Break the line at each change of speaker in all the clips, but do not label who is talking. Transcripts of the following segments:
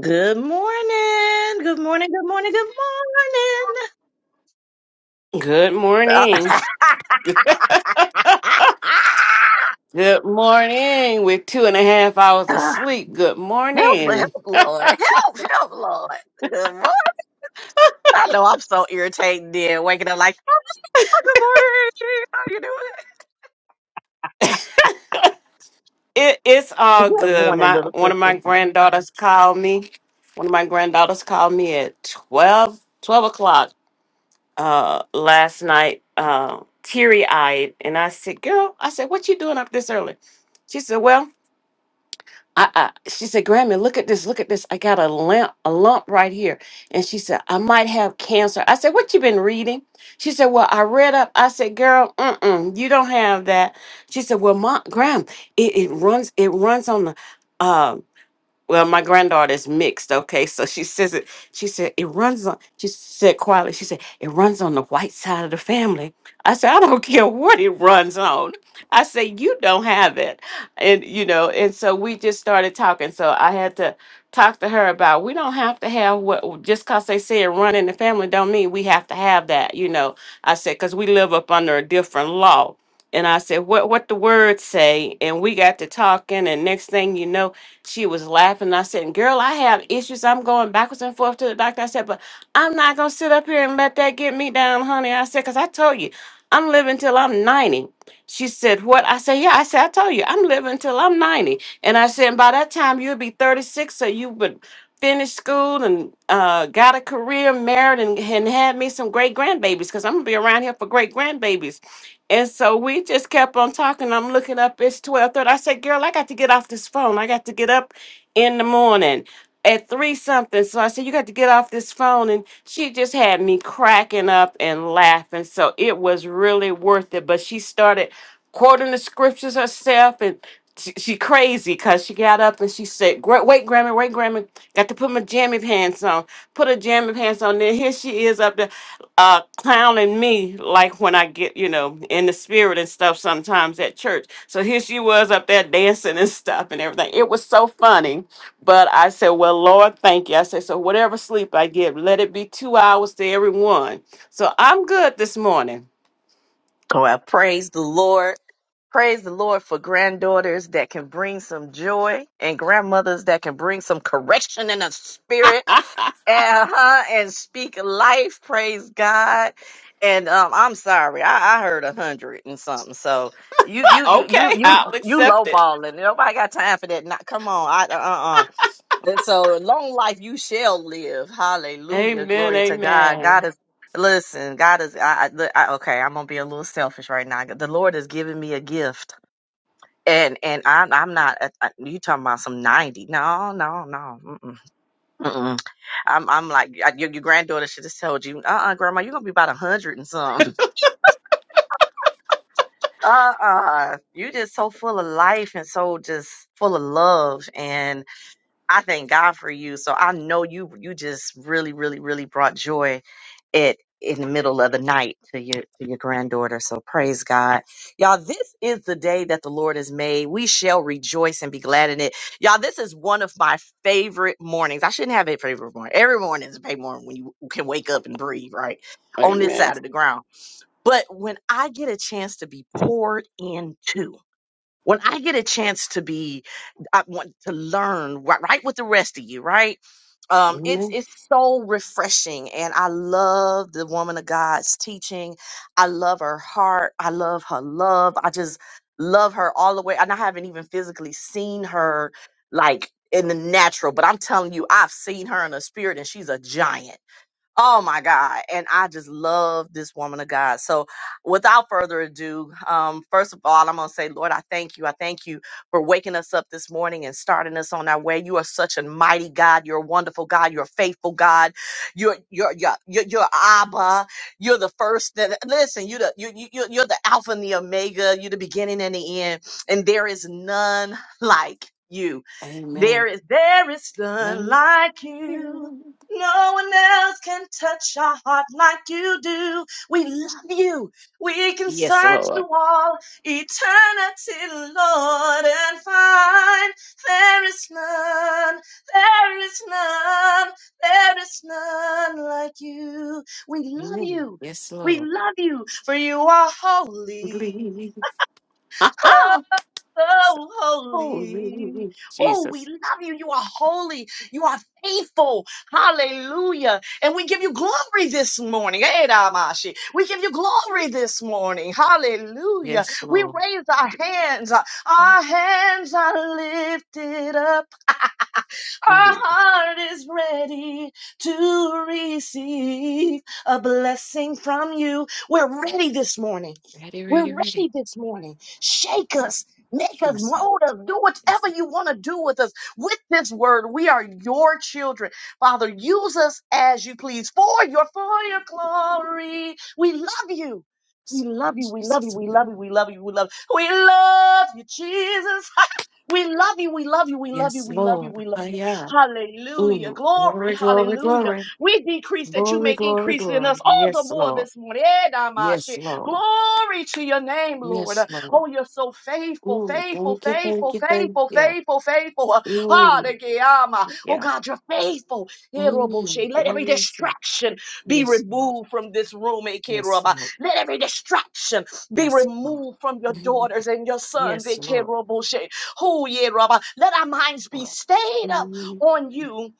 Good morning. Good morning. Good morning. Good morning.
Good
Uh,
morning. Good morning. With two and a half hours of sleep. Good
help,
morning.
help, Lord. Help, help, Lord. Good morning. I know I'm so irritated then, waking up like, oh, good morning. How you doing?
It, it's all
Good
good.
morning,
My
little
one of
sister.
my granddaughters called me. One of my granddaughters called me at 12, 12 o'clock uh, last night, uh, teary eyed, and I said, "Girl," I said, "What you doing up this early?" She said, "Well." I, I she said, Grammy, look at this, look at this. I got a lump, a lump right here. And she said, I might have cancer. I said, What you been reading? She said, Well, I read up. I said, Girl, mm-mm, you don't have that. She said, Well, my Gram, it, it runs, it runs on the um well, my granddaughter's mixed, okay? So she says it, she said, it runs on, she said quietly, she said, it runs on the white side of the family. I said, I don't care what it runs on. I say you don't have it. And, you know, and so we just started talking. So I had to talk to her about we don't have to have what, just because they say it run in the family, don't mean we have to have that, you know? I said, because we live up under a different law. And I said, what, what the words say? And we got to talking, and next thing you know, she was laughing. I said, Girl, I have issues. I'm going backwards and forth to the doctor. I said, But I'm not going to sit up here and let that get me down, honey. I said, Because I told you, I'm living till I'm 90. She said, What? I said, Yeah, I said, I told you, I'm living till I'm 90. And I said, By that time, you'll be 36, so you would finish school and uh, got a career, married, and, and had me some great grandbabies because I'm gonna be around here for great grandbabies. And so we just kept on talking. I'm looking up. It's 12:30. I said, "Girl, I got to get off this phone. I got to get up in the morning at three something." So I said, "You got to get off this phone." And she just had me cracking up and laughing. So it was really worth it. But she started quoting the scriptures herself and. She, she crazy because she got up and she said, "Gra- "Wait, Grammy, wait, Grammy, got to put my jammy pants on." put her jammy pants on there. Here she is up there uh, clowning me, like when I get, you know, in the spirit and stuff sometimes at church. So here she was up there dancing and stuff and everything. It was so funny. But I said, Well, Lord, thank you. I said, So whatever sleep I give, let it be two hours to everyone. So I'm good this morning.
Well, praise the Lord. Praise the Lord for granddaughters that can bring some joy and grandmothers that can bring some correction in the spirit. uh-huh, and speak life. Praise God. And um, I'm sorry, I, I heard a hundred and something. So you you you you
okay,
you
I'll
you
accept it.
lowballing. Nobody got time for that. Not come on. I uh uh. uh. And so long life you shall live. Hallelujah.
Amen.
Glory to God.
Amen.
God is. Listen, God is. I, I, look, I okay. I'm gonna be a little selfish right now. The Lord has given me a gift, and and I'm I'm not. I, you talking about some ninety? No, no, no. Mm-mm. I'm I'm like I- your, your granddaughter should have told you, uh uh grandma, you're gonna be about a hundred and something. Uh uh you just so full of life and so just full of love. And I thank God for you. So I know you you just really, really, really brought joy it in the middle of the night to your to your granddaughter. So praise God. Y'all, this is the day that the Lord has made. We shall rejoice and be glad in it. Y'all, this is one of my favorite mornings. I shouldn't have a favorite morning. Every morning is a favorite morning when you can wake up and breathe, right? On this
Amen.
side of the ground. But when I get a chance to be poured into, when I get a chance to be, I want to learn right, right with the rest of you, right? Um, it's
Amen.
it's so refreshing, and I love the woman of God's teaching. I love her heart. I love her love. I just love her all the way, and I haven't even physically seen her like in the natural, but I'm telling you, I've seen her in the spirit, and she's a giant Oh my God. And I just love this woman of God. So without further ado, um, first of all, I'm going to say, Lord, I thank you. I thank you for waking us up this morning and starting us on our way. You are such a mighty God. You're a wonderful God. You're a faithful God. You're, you're, you're, you're, you're Abba. You're the first that, listen, you're the, you, you, you're you're the Alpha and the Omega. You're the beginning and the end. And there is none like you. There
Amen.
is, there is none
No.
like you. No one else can touch our heart like you do. We love you. We can
Yes,
search
Lord.
through all eternity, Lord, and find there is none, there is none, there is none like you. We love
Mm,
you.
Yes,
We
Lord.
love you, for you are
Please.
holy
Ha,
so holy.
Holy
Oh, we
Jesus.
love you. You are holy. You are faithful. Hallelujah. And we give you glory this morning. Eh, Damashi. We give you glory this morning. Hallelujah.
Yes,
We
Lord.
raise our hands. Our hands are lifted up. Our
Hallelujah.
heart is ready to receive a blessing from you. We're ready this morning.
Ready,
We're
ready, ready.
ready this morning. Shake us. Make us
Yes, Lord.
mold us. Do
Yes,
whatever
Lord.
you want to do with us. With this word, we are your children. Father, use us as you please for your for your glory. We love you. We
Yes, Lord
love you. We love you.
Jesus.
We love you. We love you. We love you. We love you, Jesus. We love you. We love you. We love you.
Yes,
We love you.
Lord.
We love you.
Hiya.
Hallelujah.
Ooh,
Glory.
glory, glory,
Hallelujah.
glory.
We decrease that you
Glory,
may
glory,
increase in
glory.
us all the
Yes,
more
Lord.
this morning. Eh,
Yes,
Damashe.
Lord.
Glory to your name, Lord.
Yes, Lord.
Oh, you're so faithful,
Ooh,
faithful,
thank you, thank
faithful,
you, thank
faithful,
you.
faithful, faithful. Ah,
Ooh,
de Guyama. Oh,
yeah.
God, you're faithful. Eh,
Mm,
Roboshe. Let every
glory,
distraction be
yes, Lord.
removed from this room, eh,
Yes,
Keroba.
Lord.
Let every distraction be
Yes, Lord.
removed from your
Mhm.
daughters and your sons,
Yes,
eh,
Lord.
Keroboshe. Oh, yeah, Rabba. Let our minds be
Lord.
stayed up
Mhm.
on you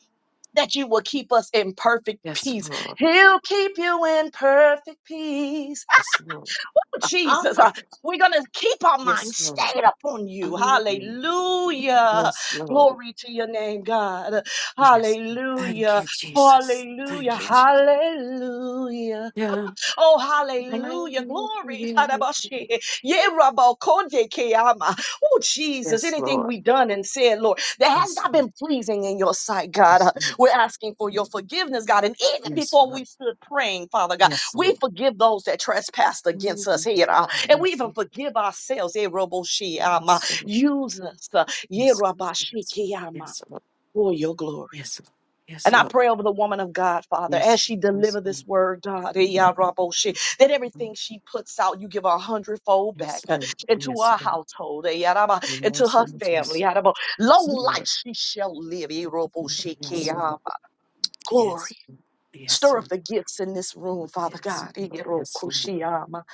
that you will keep us in perfect
Yes,
peace.
Lord.
He'll keep you in perfect peace.
Yes, Lord.
Oh,
I'm
Jesus. Uh,
not-
We're going to keep our mind
Yes, Lord.
stayed upon you.
Mhm.
Hallelujah.
Yes, Lord.
Glory to your name, God.
Yes. Lord. Thank
Hallelujah.
you, Jesus.
Hallelujah.
Thank you, Jesus.
Hallelujah.
Yeah.
Oh, hallelujah. Glory.
Hallelujah.
Tadabashi. Yerabakondekeyama. Oh, Jesus.
Yes,
Anything
Lord.
we done and said, Lord, that has
Yes,
not
Lord.
been pleasing in your sight, God. Uh,
Yes, Lord.
We're asking for your forgiveness, God. And even
Yes,
before we
Lord.
stood praying, Father God,
Yes,
we
Lord.
forgive those that trespassed against us
Mhm.
here. uh, And we
Yes,
even
Lord.
forgive ourselves. Eroboshiama.
Yes, Lord.
Use us. uh,
Yes, Lord.
Yerabashikiyama,
Yes, Lord.
For your glory.
Yes, Lord. Yes,
And I
Lord.
pray over the woman of God, Father, as
Yes,
she
Lord. Yes,
deliver this word, God, eh, ya rabo shi, that
Lord.
everything she puts out, you give her a hundredfold back
Yes,
uh,
Lord.
into
Yes,
her
Lord.
household, eh, ya raba, into
Yes,
her
Lord
family.
Jesus.
ya rabo. Long
Yes,
life
Lord.
she shall live. eh, robo shi ki
Yes, Lord.
ama. Glory.
Yes, yes,
Stir up
Lord.
the gifts in this room, Father God. eh, ro
Yes,
ku
Lord.
shi ama,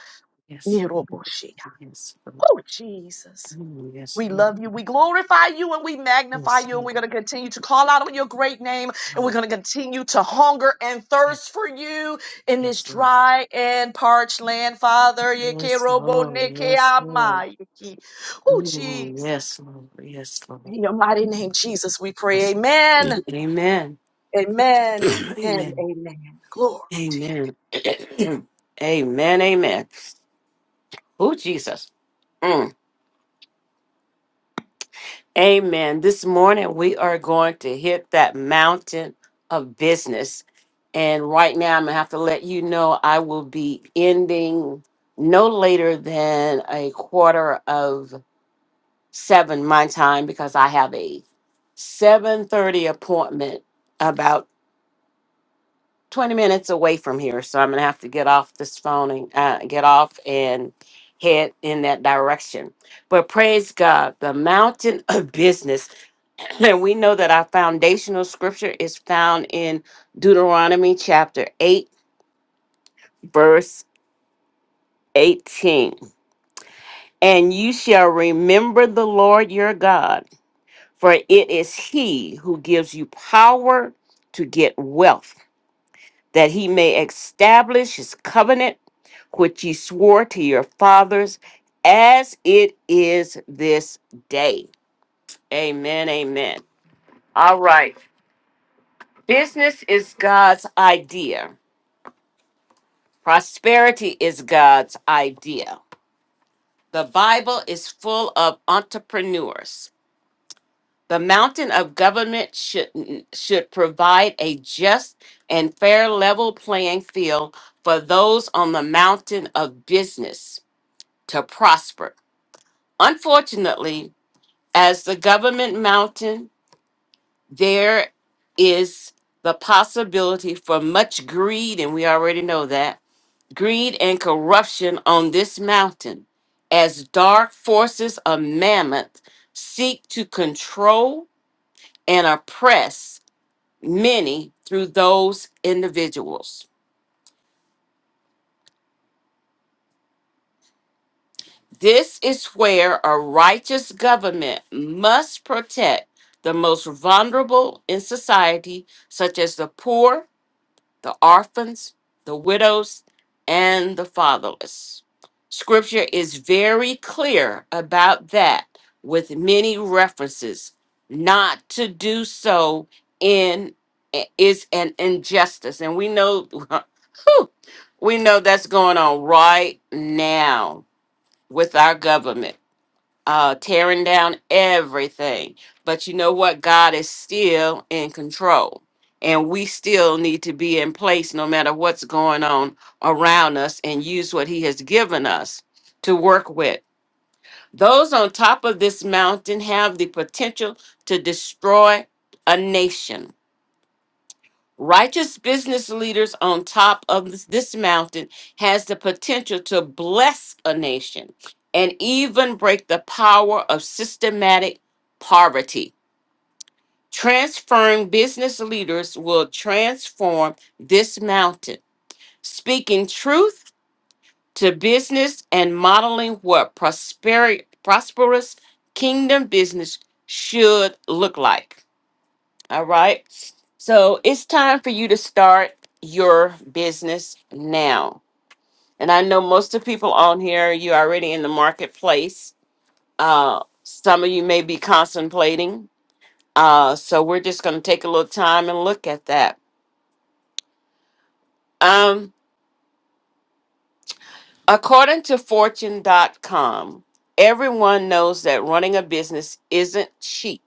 Yes,
eh, robo shi. ya.
Lord. Yes, yes, Lord.
Oh, Jesus.
Mm, Yes,
We
Lord.
love you. We glorify you and we magnify
Yes,
you. And
Lord.
we're going to continue to call out on your great name. And we're
Lord,
going to continue to hunger and
yes,
thirst for you in this
yes, Lord.
dry and parched land, Father.
Yes, Lord. Yes, Lord.
Oh,
Mm,
Jesus.
Yes, Lord. Yes, Lord.
In your mighty name, Jesus, we pray.
Yes.
Amen.
Lord. Amen.
Amen. And
Amen.
amen. Glory to your
Amen. amen. Amen. Oh, Jesus. Mm. Amen. This morning we are going to hit that mountain of business. And right now I'm going to have to let you know I will be ending no later than a quarter of 7 my time because I have a 7:30 appointment about 20 minutes away from here. So I'm going to have to get off this phone and uh, get off and head in that direction. But praise God, the mountain of business and we know that our foundational scripture is found in Deuteronomy chapter 8, verse 18. And you shall remember the Lord your God, for it is he who gives you power to get wealth, that he may establish his covenant, which he swore to your fathers, as it is this day. Amen. Amen. All right. Business is God's idea Prosperity is God's idea. The Bible is full of entrepreneurs. The mountain of government should, should provide a just and fair level playing field for those on the mountain of business to prosper. Unfortunately, as the government mountain, there is the possibility for much greed, and we already know that greed, and corruption on this mountain as dark forces of mammoth seek to control and oppress many through those individuals. This is where a righteous government must protect the most vulnerable in society, such as the poor the orphans, the widows, and the fatherless. Scripture is very clear about that with many references. Not to do so in is an injustice. And we know whew, we know that's going on right now with our government uh, tearing down everything. But you know what? God is still in control. And we still need to be in place no matter what's going on around us and use what He has given us to work with. Those on top of this mountain have the potential to destroy a nation Righteous business leaders on top of this, this mountain has the potential to bless a nation and even break the power of systematic poverty. Transferring business leaders will transform this mountain. Speaking truth to business and modeling what prosperi- prosperous kingdom business should look like. All right. So it's time for you to start your business now. And I know most of the people on here, you're already in the marketplace. Uh, some of you may be contemplating. Uh, so we're just going to take a little time and look at that. Um, according to Fortune dot com, everyone knows that running a business isn't cheap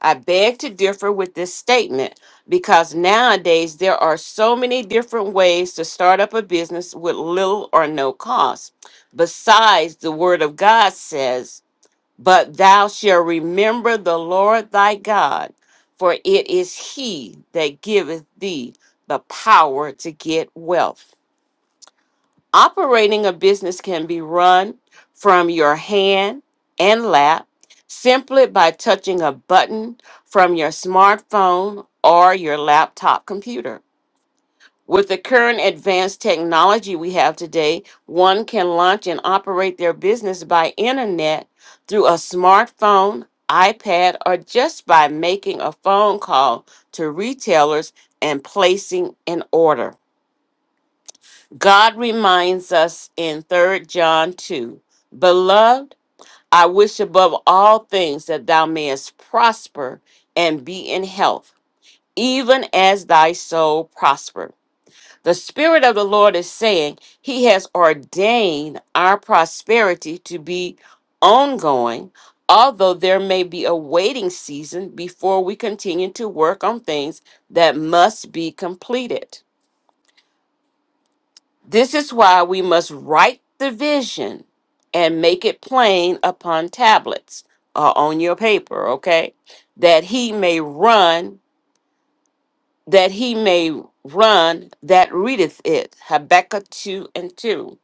I beg to differ with this statement because nowadays there are so many different ways to start up a business with little or no cost. Besides, the Word of God says, But thou shalt remember the Lord thy God, for it is he that giveth thee the power to get wealth. Operating a business can be run from your hand and lap simply by touching a button from your smartphone or your laptop computer. With the current advanced technology we have today, one can launch and operate their business by internet through a smartphone, iPad, or just by making a phone call to retailers and placing an order. God reminds us in Third John 2 Beloved, I wish above all things that thou mayest prosper and be in health, even as thy soul prosper. The Spirit of the Lord is saying, He has ordained our prosperity to be ongoing, although there may be a waiting season before we continue to work on things that must be completed. This is why we must write the vision and make it plain upon tablets or on your paper, okay? That he may run, that he may run that readeth it. Habakkuk 2 and 2.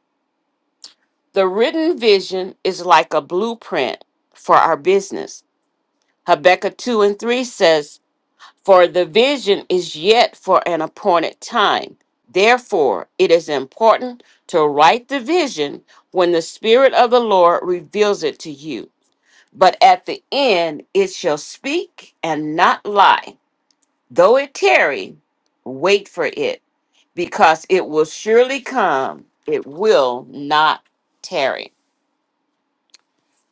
The written vision is like a blueprint for our business. Habakkuk 2 and 3 says, For the vision is yet for an appointed time. Therefore, it is important to write the vision when the Spirit of the Lord reveals it to you. But at the end, it shall speak and not lie. Though it tarry, wait for it, because it will surely come. It will not tarry.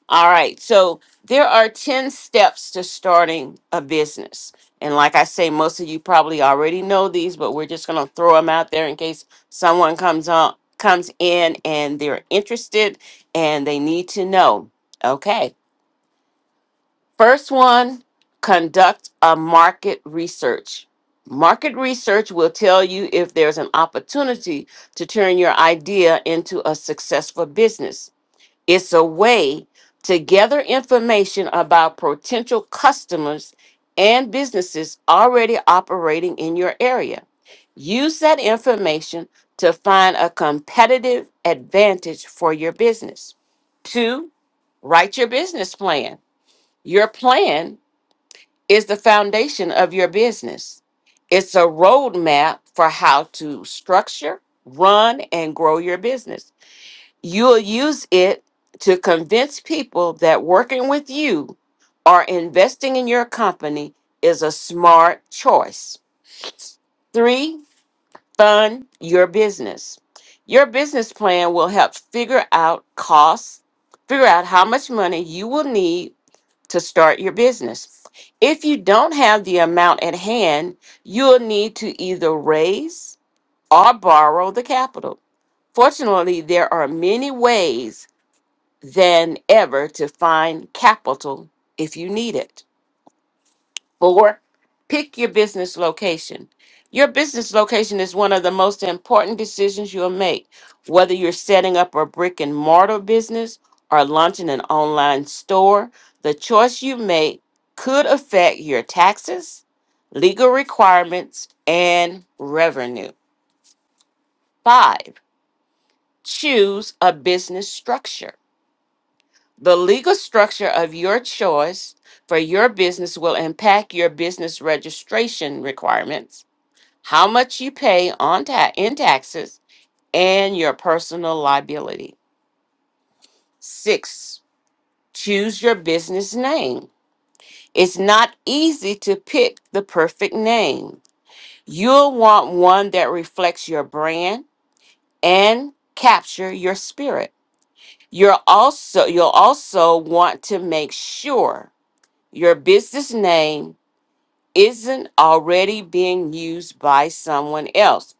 All right. So there are 10 steps to starting a business. And like I say, most of you probably already know these, but we're just going to throw them out there in case someone comes on comes in and they're interested and they need to know. Okay. First one, conduct a market research. Market research will tell you if there's an opportunity to turn your idea into a successful business. It's a way to gather information about potential customers and businesses already operating in your area. Use that information to find a competitive advantage for your business. Two, write your business plan. Your plan is the foundation of your business. It's a roadmap for how to structure, run, and grow your business. You'll use it to convince people that working with you or investing in your company is a smart choice. Three, fund your business. Your business plan will help figure out costs, figure out how much money you will need to start your business. If you don't have the amount at hand, you'll need to either raise or borrow the capital. Fortunately, there are many ways than ever to find capital if you need it. Four, pick your business location. Your business location is one of the most important decisions you'll make, whether you're setting up a brick and mortar business or launching an online store. The choice you make could affect your taxes, legal requirements, and revenue. Five, choose a business structure. The legal structure of your choice for your business will impact your business registration requirements, how much you pay on ta- in taxes, and your personal liability. Six, choose your business name. It's not easy to pick the perfect name. You'll want one that reflects your brand and capture your spirit. You're also you'll also want to make sure your business name isn't already being used by someone else.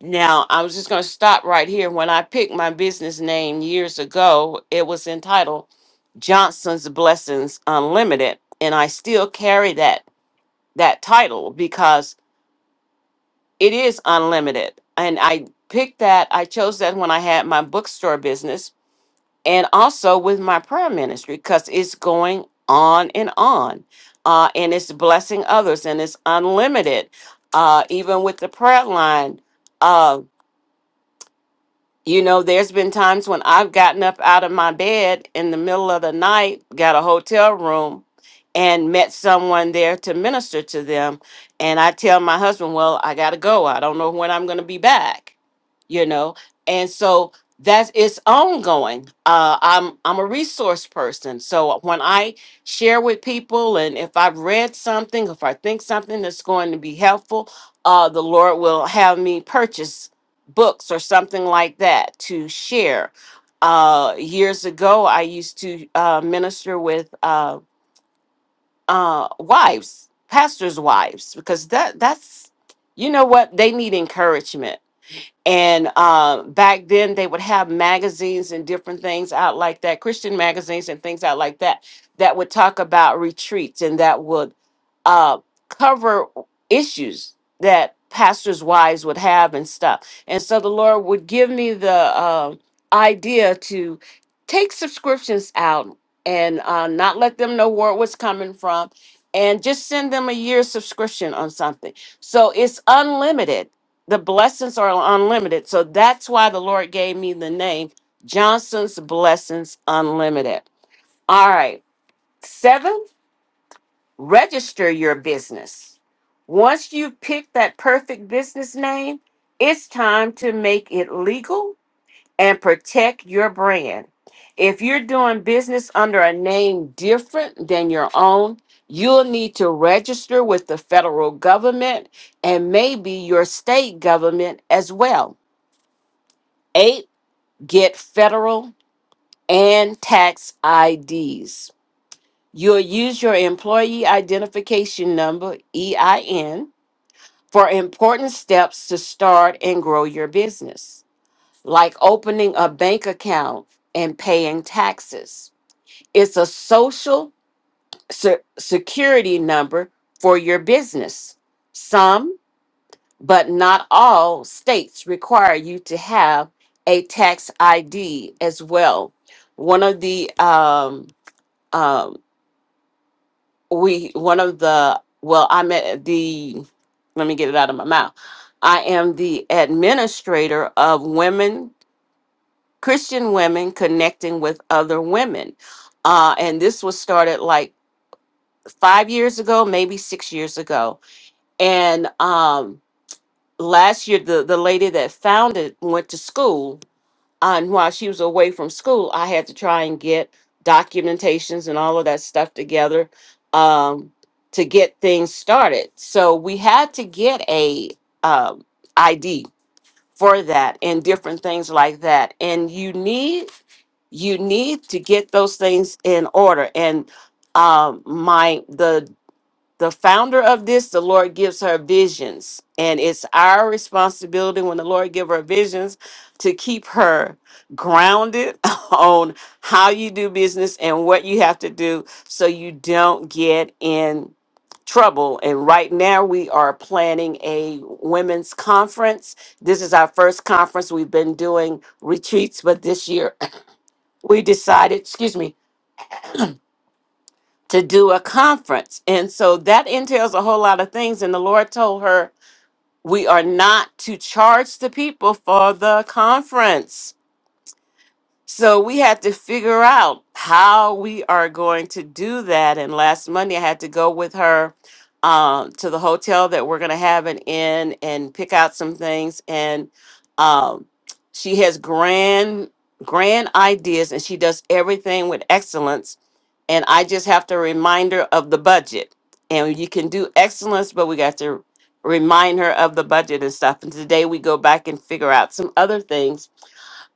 Now, I was just going to stop right here. When I picked my business name years ago, it was entitled Johnson's Blessings Unlimited, and I still carry that that title because it is unlimited. And I picked that, I chose that when I had my bookstore business and also with my prayer ministry because it's going on and on uh, and it's blessing others and it's unlimited uh, even with the prayer line uh, you know, there's been times when I've gotten up out of my bed in the middle of the night, got a hotel room, and met someone there to minister to them. And I tell my husband, Well, I got to go. I don't know when I'm going to be back, you know? And so that's it's ongoing. Uh, I'm I'm a resource person, so when I share with people, and if I've read something, if I think something that's going to be helpful, uh, the Lord will have me purchase books or something like that to share. Uh, years ago, I used to uh, minister with uh, uh, wives, pastors' wives, because that that's you know what they need encouragement and uh, back then, they would have magazines and different things out like that, Christian magazines and things out like that, that would talk about retreats and that would uh, cover issues that pastors' wives would have and stuff. And so the Lord would give me the uh, idea to take subscriptions out and uh, not let them know where it was coming from and just send them a year subscription on something. So it's unlimited the blessings are unlimited. So that's why the Lord gave me the name Johnson's Blessings Unlimited. All right. Seven, register your business. Once you've picked that perfect business name, it's time to make it legal and protect your brand. If you're doing business under a name different than your own, you'll need to register with the federal government and maybe your state government as well. Eight, get federal and tax IDs. You'll use your employee identification number, EIN, for important steps to start and grow your business, like opening a bank account and paying taxes. It's a social se- security number for your business. Some but not all states require you to have a tax ID as well. One of the um, um, we one of the well, I'm at the let me get it out of my mouth. I am the administrator of women Christian women connecting with other women, uh, and this was started like five years ago, maybe six years ago, and um, last year the the lady that founded went to school and while she was away from school, I had to try and get documentations and all of that stuff together um, to get things started. So we had to get a um, ID for that and different things like that. And you need you need to get those things in order. And um, my the the founder of this the lord gives her visions and it's our responsibility when the lord give her visions to keep her grounded on how you do business and what you have to do so you don't get in trouble and right now we are planning a women's conference this is our first conference we've been doing retreats but this year we decided excuse me to do a conference. And so that entails a whole lot of things. And the Lord told her, we are not to charge the people for the conference. So we had to figure out how we are going to do that. And last Monday, I had to go with her um, to the hotel that we're going to have an in and pick out some things. And um, she has grand, grand ideas and she does everything with excellence and I just have to remind her of the budget. And you can do excellence, but we got to remind her of the budget and stuff. And today we go back and figure out some other things,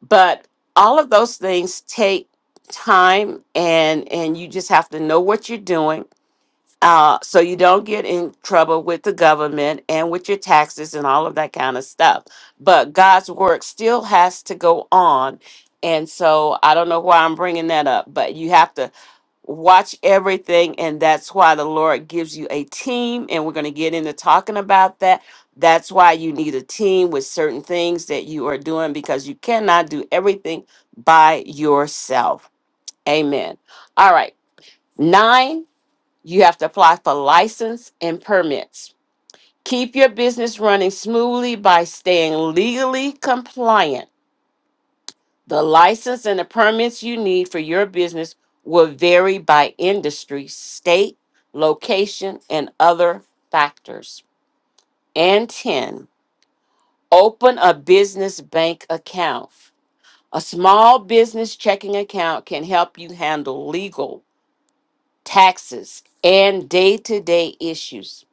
but all of those things take time, and and you just have to know what you're doing, uh, so you don't get in trouble with the government and with your taxes and all of that kind of stuff. But God's work still has to go on. And so I don't know why I'm bringing that up, but you have to watch everything and that's why the lord gives you a team and we're going to get into talking about that that's why you need a team with certain things that you are doing because you cannot do everything by yourself amen all right nine you have to apply for license and permits keep your business running smoothly by staying legally compliant the license and the permits you need for your business will vary by industry, state, location, and other factors. And 10, open a business bank account. A small business checking account can help you handle legal, taxes, and day to day issues.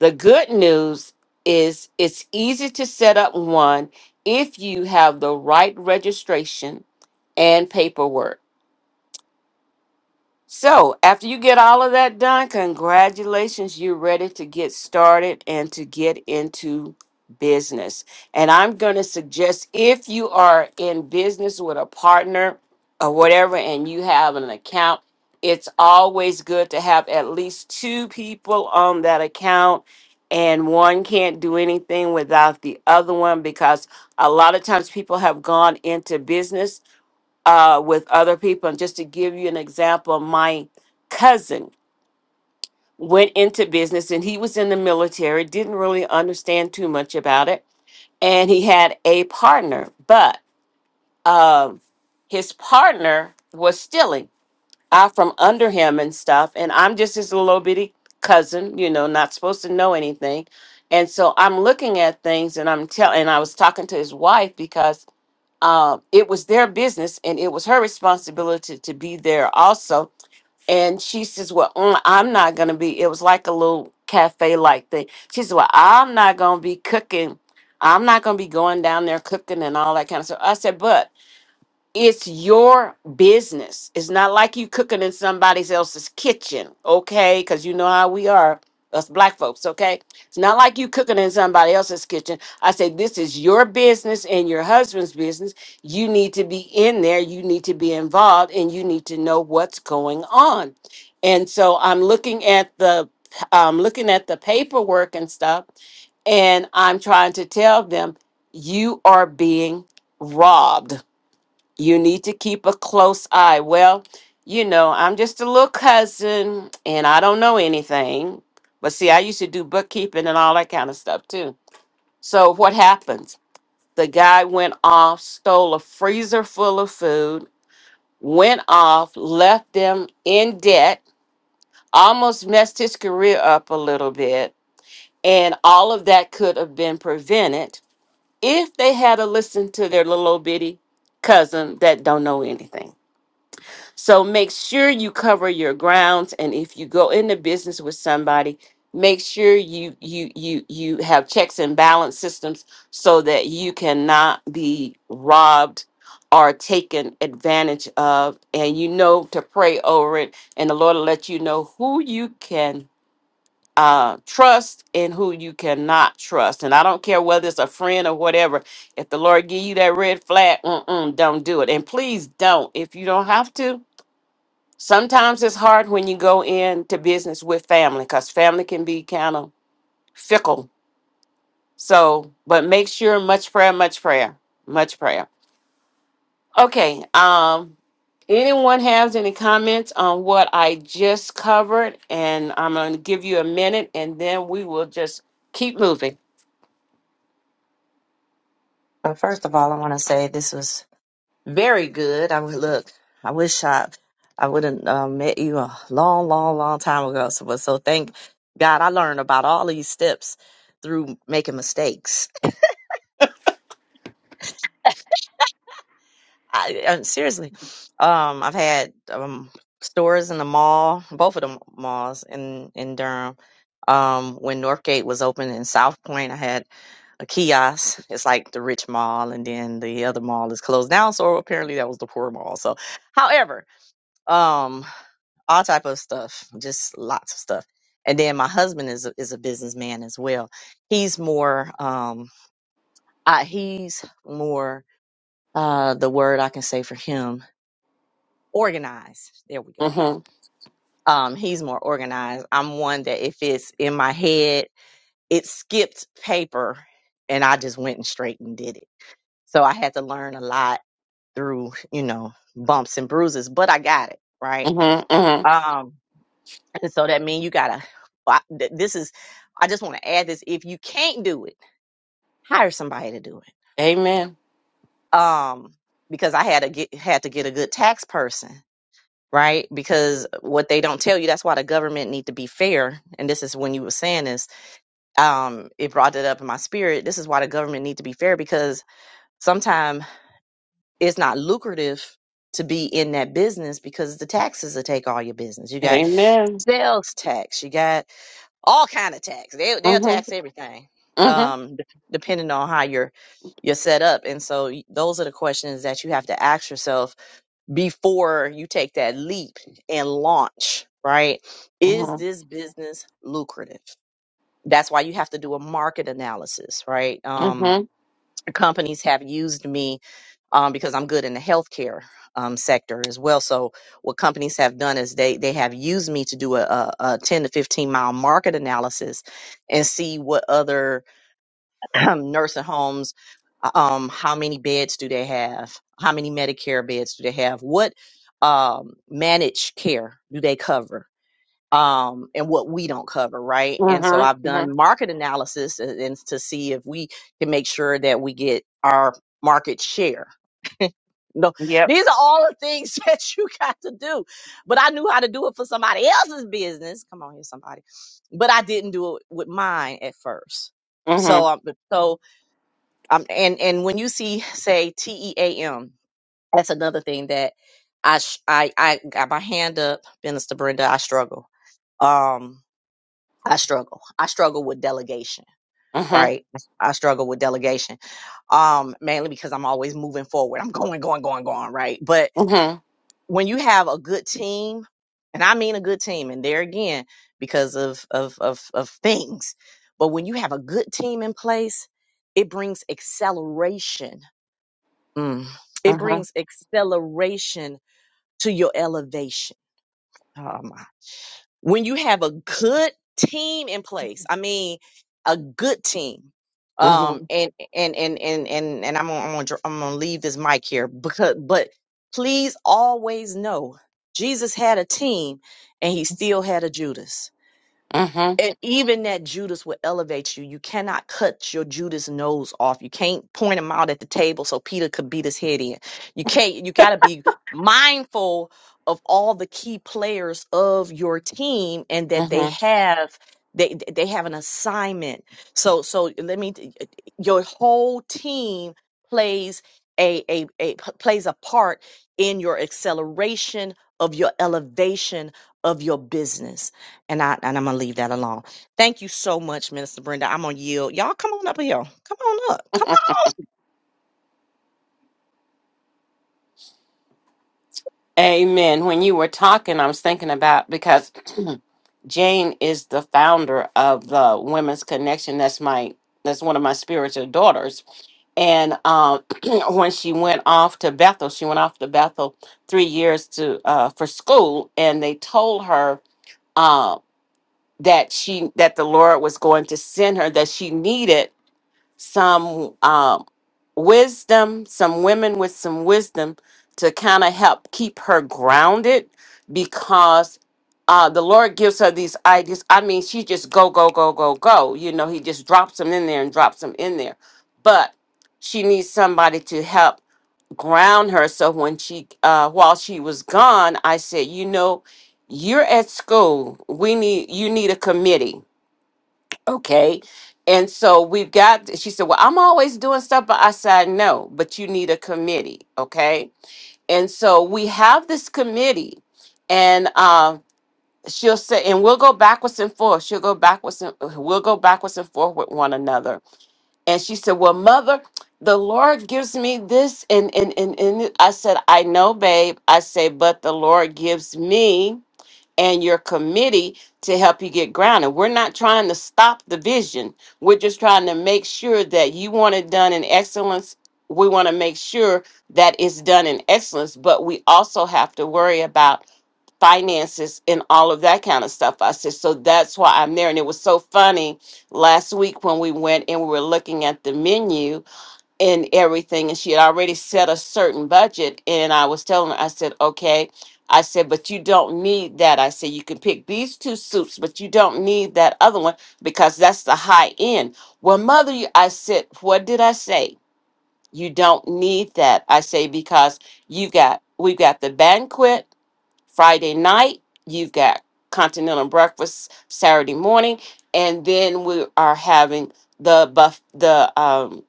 The good news is it's easy to set up one if you have the right registration and paperwork. So, after you get all of that done, congratulations, you're ready to get started and to get into business. And I'm going to suggest if you are in business with a partner or whatever, and you have an account, it's always good to have at least two people on that account. And one can't do anything without the other one because a lot of times people have gone into business uh, with other people. And just to give you an example, my cousin went into business and he was in the military, didn't really understand too much about it. And he had a partner, but um, his partner was stealing out from under him and stuff. And I'm just his little bitty cousin, you know, not supposed to know anything. And so I'm looking at things and I'm telling, and I was talking to his wife because uh, it was their business and it was her responsibility to be there also. And she says, Well, mm, I'm not going to be. It was like a little cafe like thing. She says, Well, I'm not going to be cooking. I'm not going to be going down there cooking and all that kind of stuff. I said, But it's your business. It's not like you cooking in somebody else's kitchen, okay? Because you know how we are, us black folks, okay? It's not like you cooking in somebody else's kitchen. I say this is your business and your husband's business. You need to be in there, you need to be involved, and you need to know what's going on. And so I'm looking at the I'm looking at the paperwork and stuff, and I'm trying to tell them you are being robbed you need to keep a close eye. Well, you know, I'm just a little cousin and I don't know anything. But see, I used to do bookkeeping and all that kind of stuff too. So what happens? The guy went off, stole a freezer full of food, went off, left them in debt, almost messed his career up a little bit. And all of that could have been prevented if they had a listened to their little old bitty cousin that don't know anything. So make sure you cover your grounds and if you go into business with somebody, make sure you you you you have checks and balance systems so that you cannot be robbed or taken advantage of and you know to pray over it and the Lord will let you know who you can uh trust and who you cannot trust and i don't care whether it's a friend or whatever if the lord give you that red flag mm-mm, don't do it and please don't if you don't have to Sometimes it's hard when you go into business with family because family can be kind of fickle. So, but make sure much prayer, much prayer, much prayer. Okay. Um, anyone has any comments on what I just covered? And I'm going to give you a minute and then we will just keep moving.
name. Uh, first of all, I want to say this was Very good. I would look. I wish I I would have uh, met you a long, long, long time ago. So, but so thank God I learned about all these steps through making mistakes. I, I seriously, um, I've had um stores in the mall, both of the malls in in Durham. Um, when Northgate was open in South Point, I had a kiosk. It's like the rich mall, and then the other mall is closed down. So apparently that was the poor mall. So, however. Um, all type of stuff, just lots of stuff. And then my husband is a, is a businessman as well. He's more um uh, he's more uh the word I can say for him organized. There we go.
Mm-hmm.
Um he's more organized. I'm one that if it's in my head, it skipped paper and I just went and straight and did it. So I had to learn a lot through, you know, bumps and bruises, but I got it, right?
Mm-hmm. Mm-hmm.
Um And so that means you gotta. I- th- This is. I just want to add this. If you can't do it, hire somebody to do
Amen.
it. Um, because I had to get had to get a good tax person, right? Because what they don't tell you, that's why the government need to be fair. And this is when you were saying this. Um, it brought it up in my spirit. This is why the government need to be fair because sometimes it's not lucrative to be in that business because the taxes will take all your business. You got
Amen.
sales tax. You got all kind of tax. They they'll
Mm-hmm.
tax everything,
Mm-hmm.
um, d- depending on how you're you're set up. And so y- those are the questions that you have to ask yourself before you take that leap and launch. Right? Is
Mm-hmm.
this business lucrative? That's why you have to do a market analysis, right? Um,
Mm-hmm.
companies have used me um, because I'm good in the healthcare um, sector as well. So what companies have done is they they have used me to do a, a, a 10 to 15 mile market analysis and see what other nursing homes, uh, um, how many beds do they have, how many Medicare beds do they have, what um, managed care do they cover. Um, and what we don't cover, right? And so I've
Mm-hmm. mm-hmm.
done market analysis and, and to see if we can make sure that we get our market share no,
Yep.
these are all the things that you got to do. But I knew how to do it for somebody else's business. Come on here, somebody. But I didn't do it with mine at first. So,
Mm-hmm.
um, so, um, and and when you see, say T E A M, that's another thing that I sh- I I got my hand up, Minister Brenda. I struggle. Um, I struggle. I struggle with delegation.
Mm-hmm.
Right. I struggle with delegation um mainly because i'm always moving forward i'm going going going going right but
Mm-hmm.
when you have a good team, and I mean a good team, and there again, because of of of, of things, but when you have a good team in place, it brings acceleration. Mm. It
Mm-hmm.
brings acceleration to your elevation. Oh my when you have a good team in place i mean a good team
mm-hmm.
um and and and and and, and i'm gonna I'm gonna, dr- I'm gonna leave this mic here because but please always know jesus had a team and he still had a judas
Mm-hmm.
and even that Judas will elevate you. You cannot cut your Judas nose off. You can't point him out at the table so Peter could beat his head in. You can't. You got to be mindful of all the key players of your team and that they
Mm-hmm.
have they they have an assignment. So so let me. Your whole team plays a a, a plays a part in your acceleration of your elevation of your business. And I and I'm gonna leave that alone. Thank you so much, Minister Brenda. I'm gonna yield. Y'all come on up here. Come on up. Come
Amen. When you were talking, I was thinking about because Jane is the founder of the Women's Connection. That's my that's one of my spiritual daughters. And um, when she went off to Bethel, she went off to Bethel three years to uh, for school, and they told her uh, that she that the Lord was going to send her that she needed some. uh, wisdom, some women with some wisdom to kind of help keep her grounded because uh, the Lord gives her these ideas. I mean, she just go, go, go, go, go. You know, He just drops them in there and drops them in there. But she needs somebody to help ground her. So when she, uh, while she was gone, I said, you know, you're at school. We need you need a committee Okay. And so we've got, she said, Well, I'm always doing stuff. But I said, No, but you need a committee. Okay. And so we have this committee, and um, she'll say, and we'll go backwards and forth. She'll go backwards and uh, we'll go backwards and forth with one another. And she said, Well, mother, the Lord gives me this. And, and, and, and I said, I know, babe. I say, But the Lord gives me and your committee to help you get grounded. We're not trying to stop the vision. We're just trying to make sure that you want it done in excellence. We want to make sure that it's done in excellence, but we also have to worry about finances and all of that kind of stuff. I said, so that's why I'm there. And it was so funny last week when we went and we were looking at the menu and everything and she had already set a certain budget and i was telling her i said okay i said but you don't need that i said you can pick these two suits but you don't need that other one because that's the high end well mother you- i said what did i say you don't need that i say because you got we've got the banquet Friday night, you've got continental breakfast Saturday morning, and then we are having the buff the um,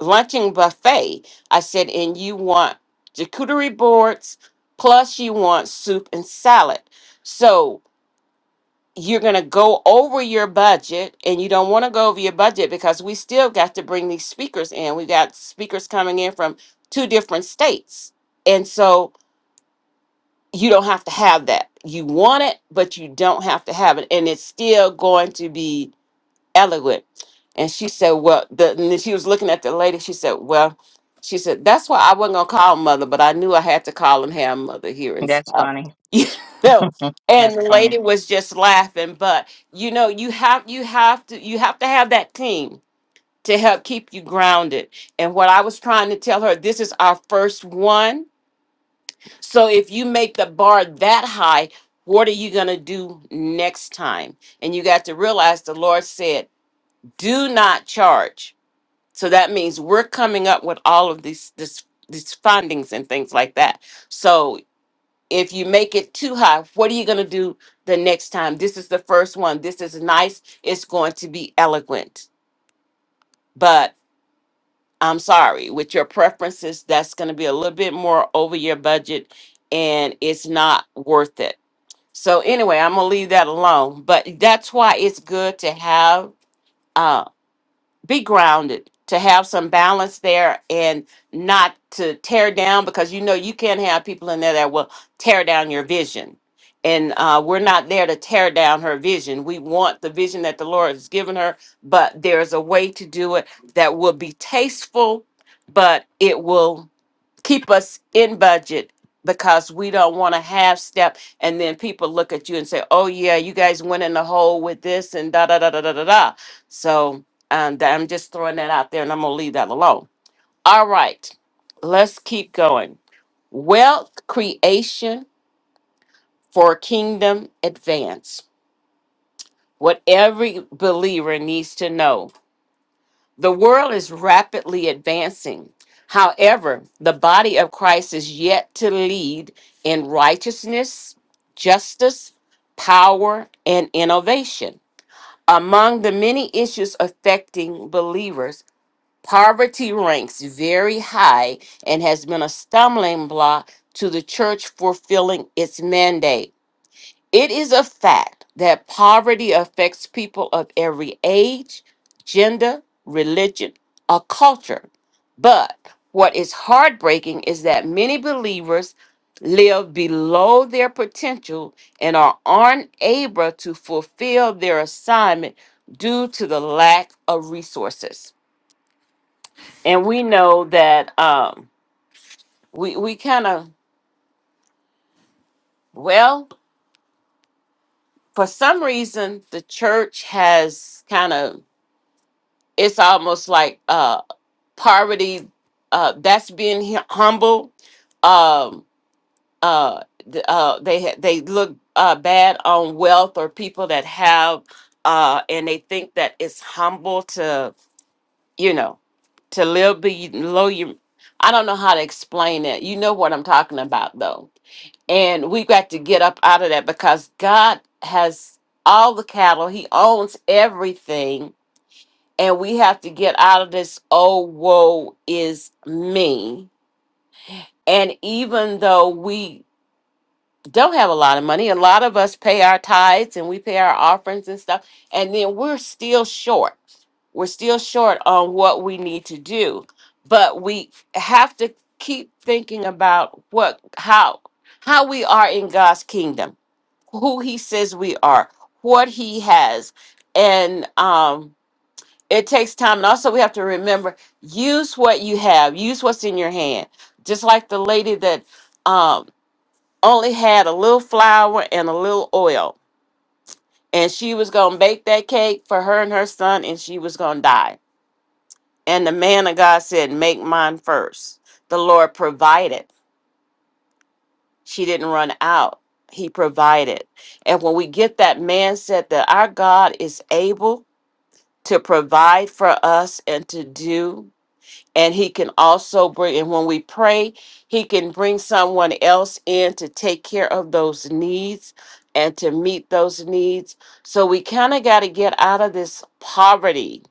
luncheon buffet. I said, and you want charcuterie boards, plus you want soup and salad. So you're gonna go over your budget, and you don't want to go over your budget because we still got to bring these speakers in. We got speakers coming in from two different states, and so you don't have to have that. You want it, but you don't have to have it. And it's still going to be eloquent. And she said, Well, the, and then she was looking at the lady. She said, Well, she said, That's why I wasn't going to call him mother, but I knew I had to call him, have mother here and
That's
stuff.
funny.
You know?
That's
And the
funny.
lady was just laughing. But, you know, you have, you have to, you have to have that team to help keep you grounded. And what I was trying to tell her, this is our first one so if you make the bar that high, what are you going to do next time? And you got to realize the Lord said, "Do not charge." So that means we're coming up with all of these this these fundings and things like that. So if you make it too high, what are you going to do the next time? This is the first one. This is nice. It's going to be eloquent. But I'm sorry, with your preferences, that's going to be a little bit more over your budget and it's not worth it. So anyway, I'm gonna leave that alone. But that's why it's good to have uh be grounded, to have some balance there and not to tear down because you know you can't have people in there that will tear down your vision. And uh, we're not there to tear down her vision. We want the vision that the Lord has given her, but there's a way to do it that will be tasteful, but it will keep us in budget because we don't want to half step and then people look at you and say oh yeah you guys went in the hole with this and da da da da da da da so um, th- i'm just throwing that out there and i'm gonna leave that alone all right let's keep going wealth creation for kingdom advance what every believer needs to know The world is rapidly advancing. However, the body of Christ is yet to lead in righteousness, justice, power, and innovation. Among the many issues affecting believers, poverty ranks very high and has been a stumbling block to the church fulfilling its mandate. It is a fact that poverty affects people of every age, gender, religion, or culture. But what is heartbreaking is that many believers live below their potential and are unable to fulfill their assignment due to the lack of resources. And we know that um, we, we kind of, well, for some reason, the church has kind of it's almost like uh poverty uh that's being hu- humble um uh, th- uh they ha- they look uh bad on wealth or people that have uh and they think that it's humble to you know to live below your i don't know how to explain it you know what i'm talking about though and we got to get up out of that because god has all the cattle he owns everything and we have to get out of this oh woe is me and even though we don't have a lot of money a lot of us pay our tithes and we pay our offerings and stuff and then we're still short we're still short on what we need to do but we have to keep thinking about what how how we are in god's kingdom who he says we are what he has and um it takes time and also we have to remember use what you have use what's in your hand just like the lady that um, only had a little flour and a little oil and she was going to bake that cake for her and her son and she was going to die and the man of god said make mine first." the lord provided she didn't run out he provided and when we get that mindset that our god is able to provide for us and to do and he can also bring and when we pray he can bring someone else in to take care of those needs and to meet those needs so we kind of got to get out of this poverty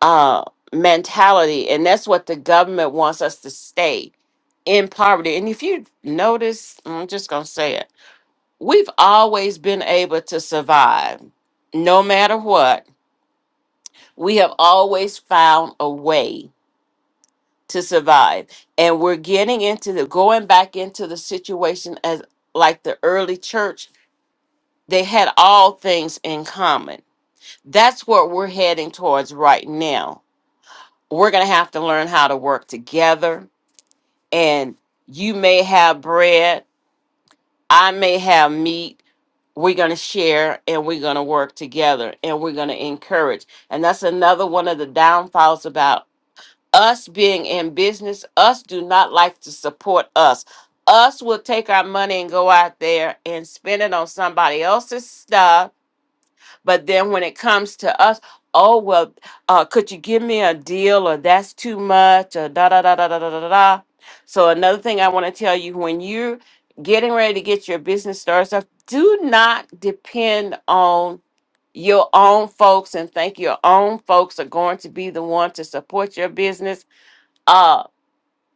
uh mentality and that's what the government wants us to stay in poverty and if you notice i'm just gonna say it we've always been able to survive no matter what we have always found a way to survive. And we're getting into the going back into the situation as like the early church, they had all things in common. That's what we're heading towards right now. We're going to have to learn how to work together. And you may have bread, I may have meat. We're going to share and we're going to work together and we're going to encourage. And that's another one of the downfalls about us being in business, us do not like to support us. Us will take our money and go out there and spend it on somebody else's stuff. But then when it comes to us, oh, well, uh, could you give me a deal or that's too much or da da da da da da da da. So, another thing I want to tell you when you're getting ready to get your business started, stuff, do not depend on your own folks and think your own folks are going to be the one to support your business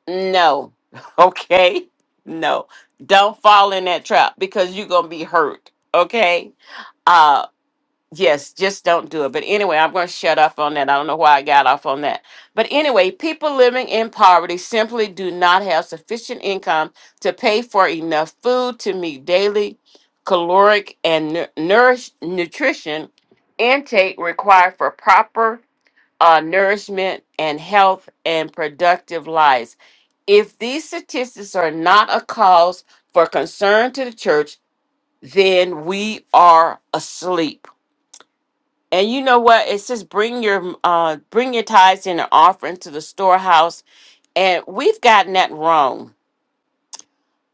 no. Okay? No. Don't fall in that trap because you're going to be hurt. Okay? Uh yes, just don't do it. But anyway, I'm going to shut up on that. I don't know why I got off on that. But anyway, people living in poverty simply do not have sufficient income to pay for enough food to meet daily caloric and nu- nourish nutrition intake required for proper uh, nourishment and health and productive lives. If these statistics are not a cause for concern to the church, then we are asleep. And you know what? It says, "Bring your uh, bring your tithes and your offering to the storehouse." And we've gotten that wrong.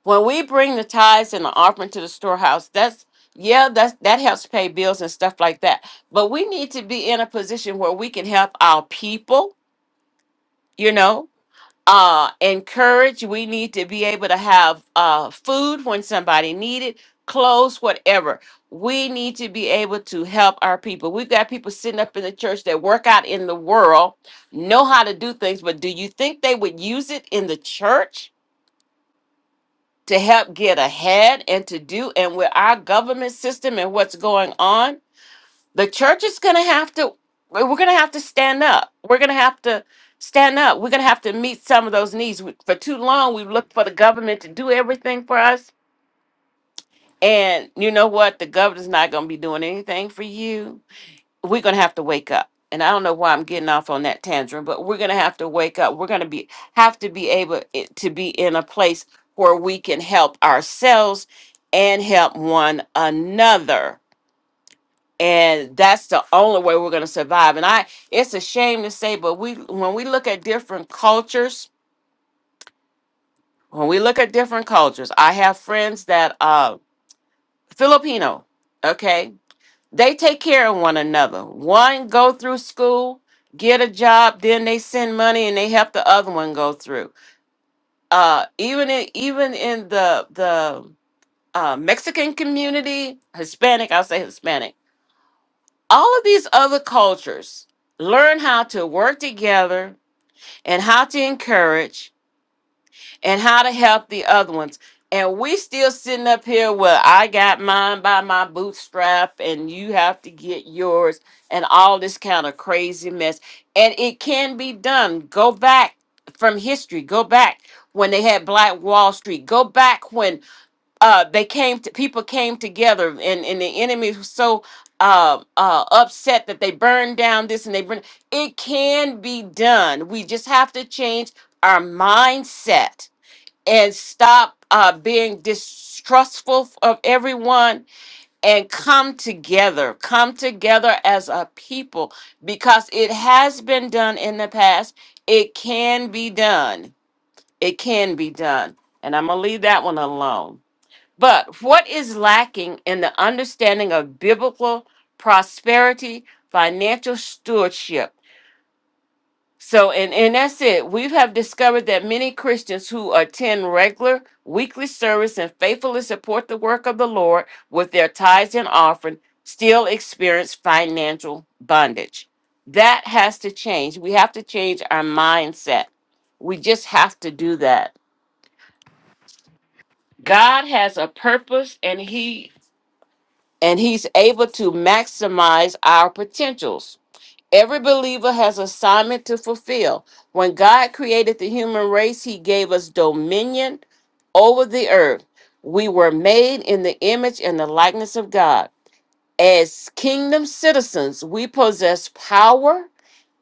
When we bring the tithes and the offering to the storehouse, that's yeah, that's that helps pay bills and stuff like that. But we need to be in a position where we can help our people. You know, uh encourage we need to be able to have uh food when somebody need it clothes whatever we need to be able to help our people we've got people sitting up in the church that work out in the world know how to do things but do you think they would use it in the church to help get ahead and to do and with our government system and what's going on the church is going to have to we're going to have to stand up we're going to have to stand up we're going to have to meet some of those needs We- for too long we've looked for the government to do everything for us and you know what the government's not going to be doing anything for you we're going to have to wake up and i don't know why i'm getting off on that tangent but we're going to have to wake up we're going to be have to be able i- to be in a place where we can help ourselves and help one another and that's the only way we're going to survive and i it's a shame to say but we when we look at different cultures when we look at different cultures i have friends that uh filipino okay they take care of one another one go through school get a job then they send money and they help the other one go through uh even in even in the the uh, mexican community hispanic i'll say hispanic all of these other cultures learn how to work together and how to encourage and how to help the other ones and we still sitting up here well i got mine by my bootstrap and you have to get yours and all this kind of crazy mess and it can be done go back from history go back when they had black wall street go back when uh they came to people came together and and the enemy was so uh uh upset that they burned down this and they burned it can be done we just have to change our mindset and stop uh being distrustful of everyone and come together come together as a people because it has been done in the past it can be done it can be done and i'm gonna leave that one alone but what is lacking in the understanding of biblical prosperity, financial stewardship? So, and, and that's it. We have discovered that many Christians who attend regular weekly service and faithfully support the work of the Lord with their tithes and offering still experience financial bondage. That has to change. We have to change our mindset. We just have to do that. God has a purpose and He and he's able to maximize our potentials. Every believer has assignment to fulfill. When God created the human race, he gave us dominion over the earth. We were made in the image and the likeness of God. As kingdom citizens, we possess power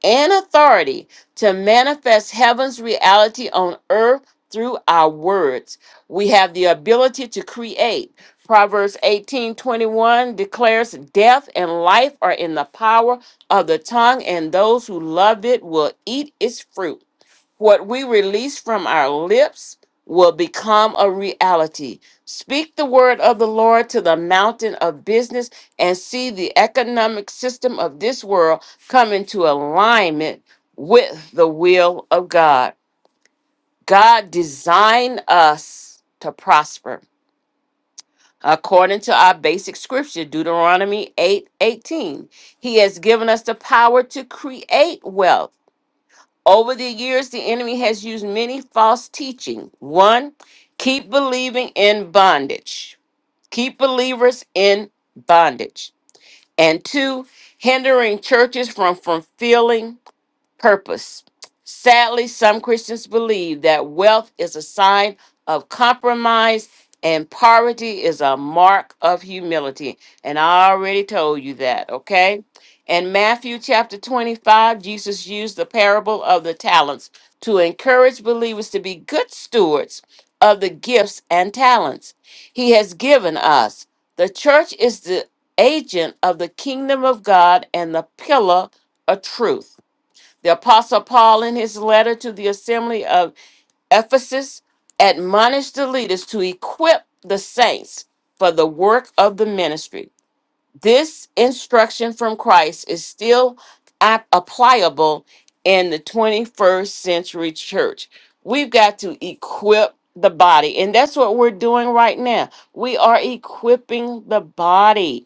and authority to manifest heaven's reality on earth through our words. We have the ability to create. Proverbs 18:21 declares death and life are in the power of the tongue and those who love it will eat its fruit. What we release from our lips will become a reality. Speak the word of the Lord to the mountain of business and see the economic system of this world come into alignment with the will of God. God designed us to prosper. According to our basic scripture, Deuteronomy 8 18. He has given us the power to create wealth over the years, the enemy has used many false teaching. One, keep believing in bondage, keep believers in bondage. And two, hindering churches from fulfilling purpose. Sadly, some Christians believe that wealth is a sign of compromise and poverty is a mark of humility. And I already told you that, okay? In Matthew chapter 25, Jesus used the parable of the talents to encourage believers to be good stewards of the gifts and talents he has given us. The church is the agent of the kingdom of God and the pillar of truth. The Apostle Paul, in his letter to the assembly of Ephesus, admonished the leaders to equip the saints for the work of the ministry. This instruction from Christ is still ap- applicable in the 21st century church. We've got to equip the body, and that's what we're doing right now. We are equipping the body.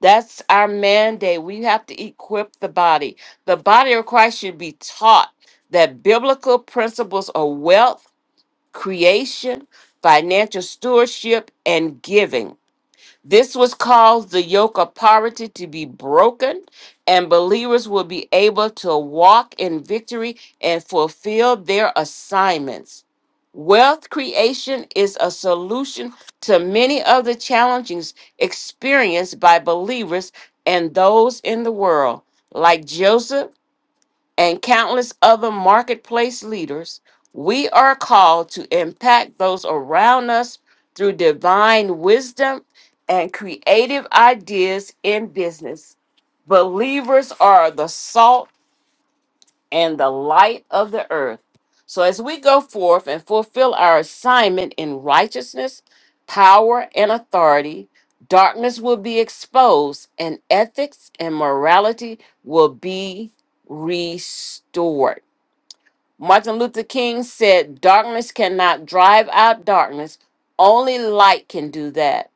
That's our mandate. We have to equip the body. The body of Christ should be taught that biblical principles of wealth, creation, financial stewardship, and giving this was caused the yoke of poverty to be broken, and believers will be able to walk in victory and fulfill their assignments. Wealth creation is a solution to many of the challenges experienced by believers and those in the world. Like Joseph, and countless other marketplace leaders, we are called to impact those around us through divine wisdom and creative ideas in business. Believers are the salt and the light of the earth. So, as we go forth and fulfill our assignment in righteousness, power, and authority, darkness will be exposed, and ethics and morality will be restored. Martin Luther King said, Darkness cannot drive out darkness, only light can do that.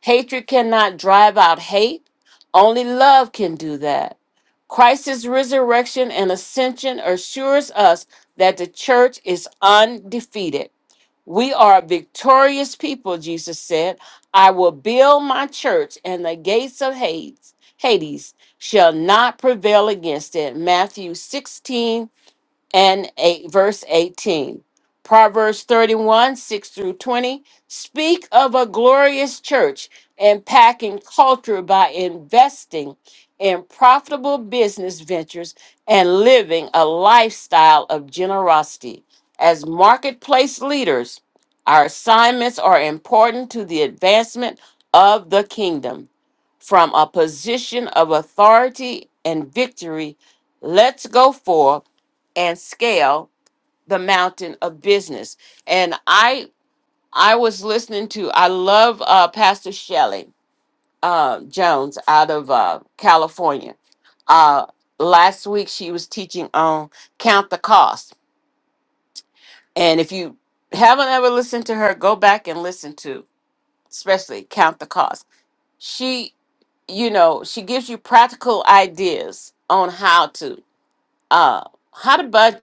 Hatred cannot drive out hate, only love can do that. Christ's resurrection and ascension assures us that the church is undefeated. We are a victorious people, Jesus said. I will build my church, and the gates of Hades, Hades shall not prevail against it. Matthew 16 and 8 verse 18 proverbs 31 6 through 20 speak of a glorious church and packing culture by investing in profitable business ventures and living a lifestyle of generosity as marketplace leaders our assignments are important to the advancement of the kingdom from a position of authority and victory let's go forth and scale the mountain of business. And I I was listening to I love uh, Pastor Shelley uh, Jones out of uh, California. Uh, last week she was teaching on count the cost, and if you haven't ever listened to her, go back and listen to especially count the cost. She you know she gives you practical ideas on how to uh, how to budget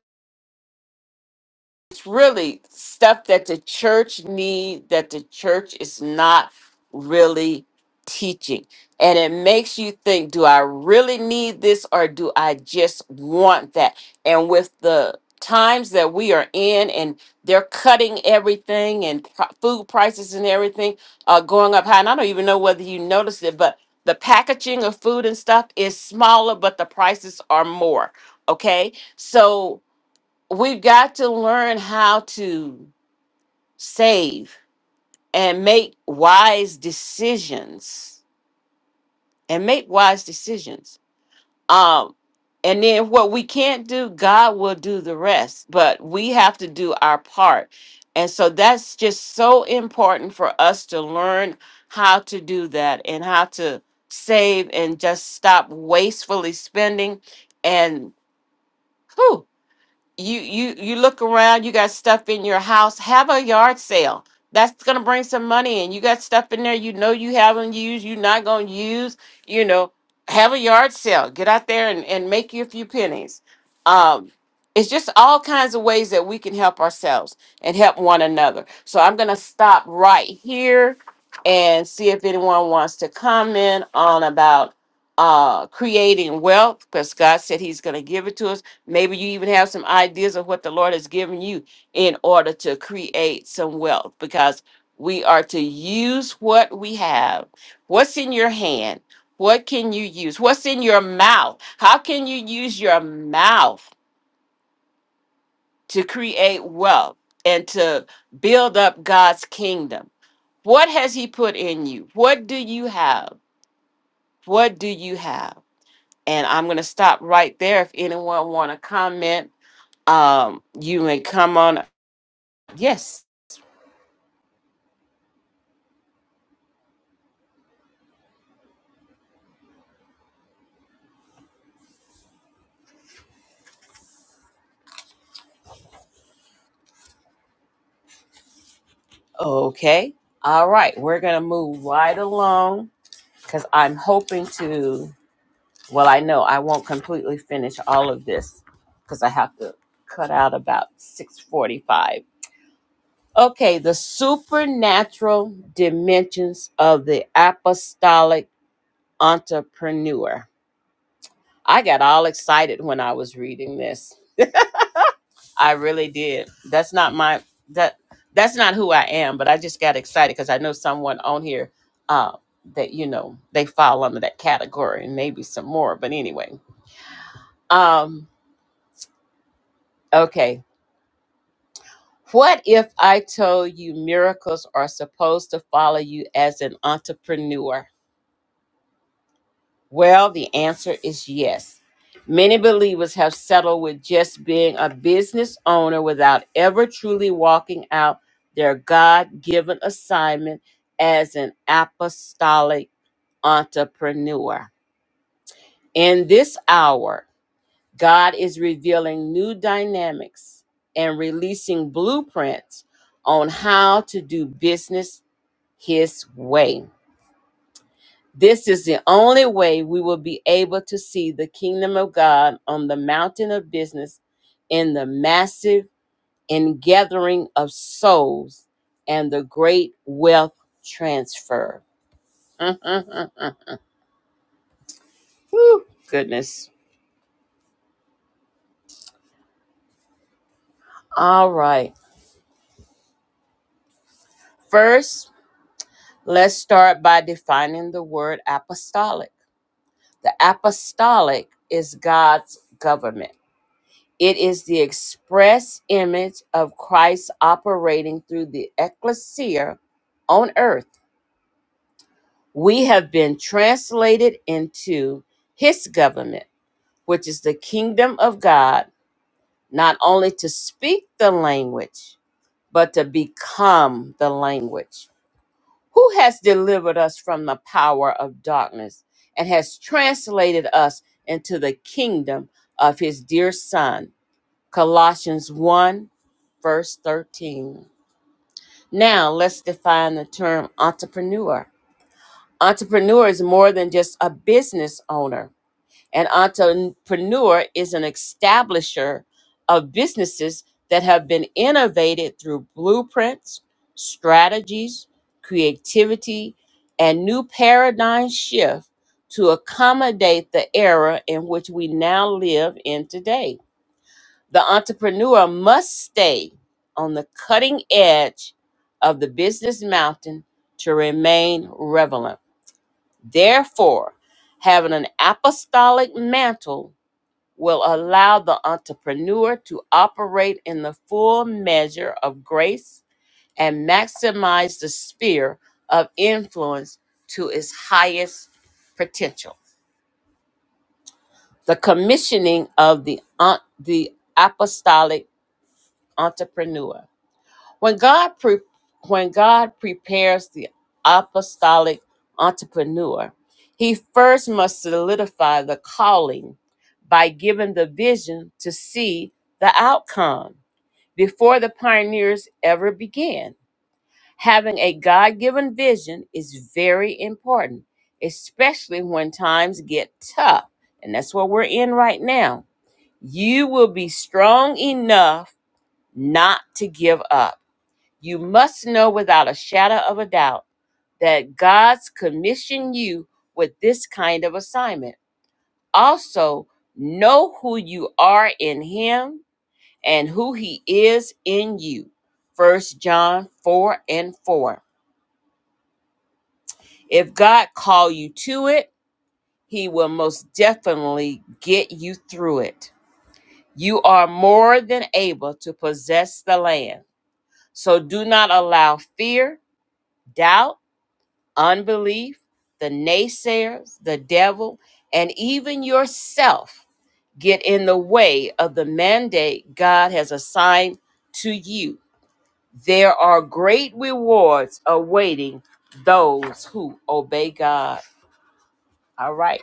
it's really stuff that the church need that the church is not really teaching and it makes you think do i really need this or do i just want that and with the times that we are in and they're cutting everything and pro- food prices and everything are going up high and i don't even know whether you noticed it but the packaging of food and stuff is smaller but the prices are more okay so we've got to learn how to save and make wise decisions and make wise decisions um and then what we can't do god will do the rest but we have to do our part and so that's just so important for us to learn how to do that and how to save and just stop wastefully spending and whew, you you you look around you got stuff in your house have a yard sale that's going to bring some money in you got stuff in there you know you haven't used you're not going to use you know have a yard sale get out there and, and make you a few pennies um it's just all kinds of ways that we can help ourselves and help one another so i'm going to stop right here and see if anyone wants to comment on about uh creating wealth because god said he's going to give it to us Maybe you even have some ideas of what the Lord has given you in order to create some wealth because we are to use what we have. What's in your hand? What can you use? What's in your mouth? How can you use your mouth to create wealth and to build up God's kingdom? What has He put in you? What do you have? What do you have? And I'm going to stop right there. If anyone want to comment, um, you may come on Yes. Okay. All right. We're going to move right along because I'm hoping to. Well, I know I won't completely finish all of this because I have to cut out about 645. Okay. The supernatural dimensions of the apostolic entrepreneur. I got all excited when I was reading this. I really did. That's not my that that's not who I am, but I just got excited because I know someone on here uh that you know they fall under that category and maybe some more. But anyway. Um okay. What if I told you miracles are supposed to follow you as an entrepreneur? Well, the answer is yes. Many believers have settled with just being a business owner without ever truly walking out their God given assignment as an apostolic entrepreneur. In this hour, God is revealing new dynamics and releasing blueprints on how to do business His way. This is the only way we will be able to see the kingdom of God on the mountain of business in the massive ingathering of souls and the great wealth transfer. Whew, goodness. All right. First, let's start by defining the word apostolic. The apostolic is God's government It is the express image of Christ operating through the ecclesia on earth. We have been translated into his government, which is the kingdom of God, not only to speak the language, but to become the language. Who has delivered us from the power of darkness and has translated us into the kingdom of his dear Son? Colossians 1, verse 13. Now, let's define the term entrepreneur. Entrepreneur is more than just a business owner. An entrepreneur is an establisher of businesses that have been innovated through blueprints, strategies, creativity, and new paradigm shift to accommodate the era in which we now live in today. The entrepreneur must stay on the cutting edge of the business mountain to remain relevant. Therefore, having an apostolic mantle will allow the entrepreneur to operate in the full measure of grace and maximize the sphere of influence to its highest potential. The commissioning of the, on- the apostolic entrepreneur When God pre- when God prepares the apostolic entrepreneur, he first must solidify the calling by giving the vision to see the outcome before the pioneers ever began. Having a God-given vision is very important, especially when times get tough, and that's what we're in right now. You will be strong enough not to give up you must know without a shadow of a doubt that God's commissioned you with this kind of assignment. Also, know who you are in Him and who He is in you. First John 4 and 4. If God call you to it, He will most definitely get you through it. You are more than able to possess the land. So do not allow fear, doubt, unbelief, the naysayers, the devil, and even yourself get in the way of the mandate God has assigned to you. There are great rewards awaiting those who obey God. All right.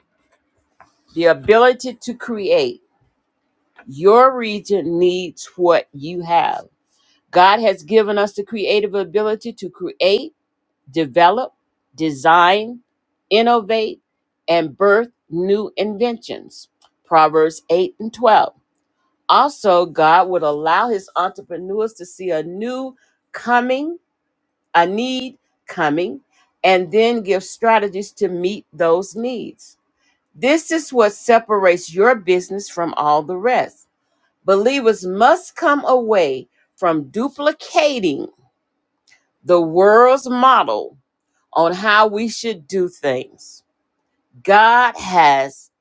The ability to create. Your region needs what you have. God has given us the creative ability to create develop, design, innovate, and birth new inventions. Proverbs 8 and 12. Also, God would allow his entrepreneurs to see a new coming, a need coming, and then give strategies to meet those needs. This is what separates your business from all the rest. Believers must come away from duplicating the world's model on how we should do things. God has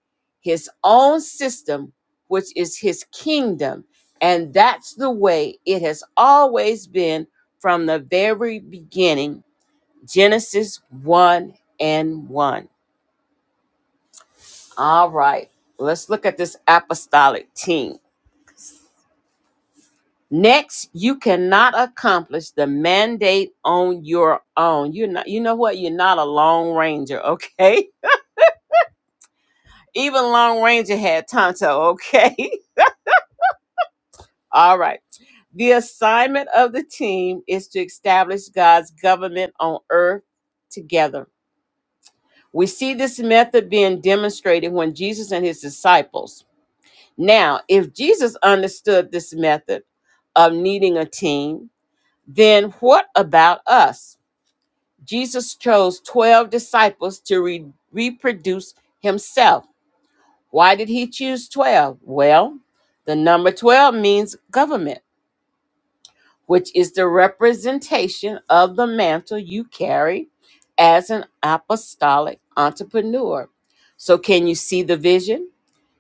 his own system, which is his kingdom. And that's the way it has always been from the very beginning Genesis 1 and 1. All right, let's look at this apostolic team. Next, you cannot accomplish the mandate on your own. You're not, you know what? You're not a long ranger, okay? Even Long Ranger had Tonto, okay? All right. The assignment of the team is to establish God's government on earth together. We see this method being demonstrated when Jesus and his disciples. Now, if Jesus understood this method of needing a team, then what about us? Jesus chose 12 disciples to re- reproduce himself. Why did he choose 12? Well, the number 12 means government, which is the representation of the mantle you carry as an apostolic entrepreneur. So, can you see the vision?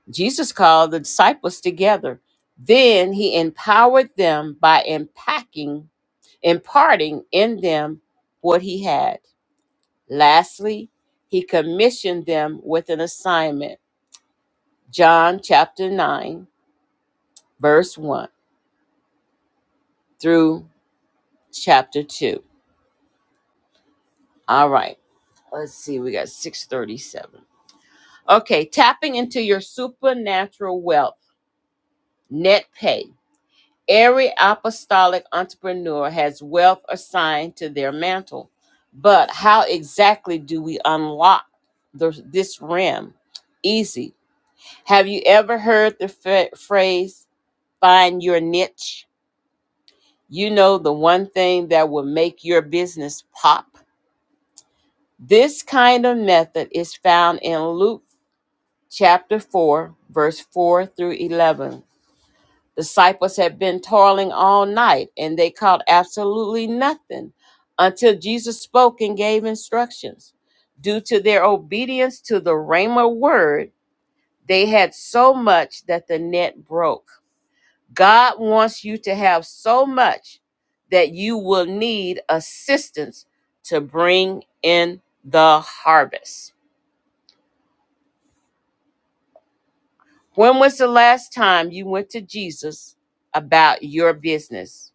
Jesus called the disciples together. Then he empowered them by impacting, imparting in them what he had. Lastly, he commissioned them with an assignment. John chapter 9 verse 1 through chapter 2. All right. Let's see. We got 637. Okay. Tapping into your supernatural wealth, net pay. Every apostolic entrepreneur has wealth assigned to their mantle. But how exactly do we unlock the, this rim? Easy. Have you ever heard the fa- phrase, find your niche? You know, the one thing that will make your business pop This kind of method is found in Luke chapter 4, verse 4 through 11. Disciples had been toiling all night and they caught absolutely nothing until Jesus spoke and gave instructions. Due to their obedience to the Rhema word, they had so much that the net broke. God wants you to have so much that you will need assistance to bring in the harvest. When was the last time you went to Jesus about your business?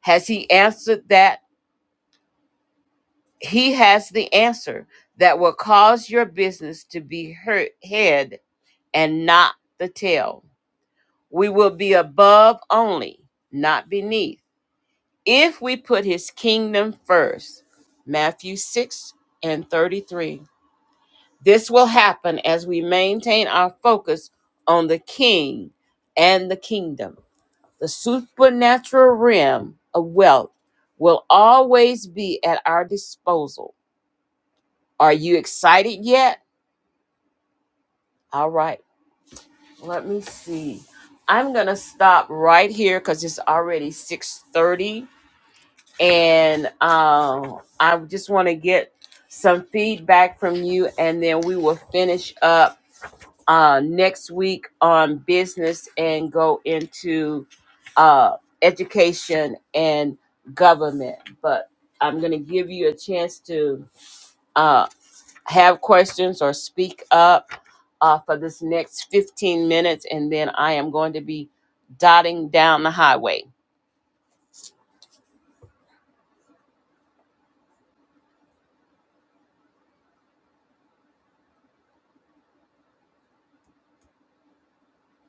Has he answered that? He has the answer that will cause your business to be her- head and not the tail. We will be above only, not beneath, if we put his kingdom first. Matthew 6 and 33. This will happen as we maintain our focus on the king and the kingdom. The supernatural realm of wealth will always be at our disposal. Are you excited yet? All right, let me see. I'm gonna stop right here because it's already 6:30, and um, I just want to get some feedback from you, and then we will finish up uh, next week on business and go into uh, education and government. But I'm going to give you a chance to uh, have questions or speak up uh, for this next 15 minutes, and then I am going to be dotting down the highway.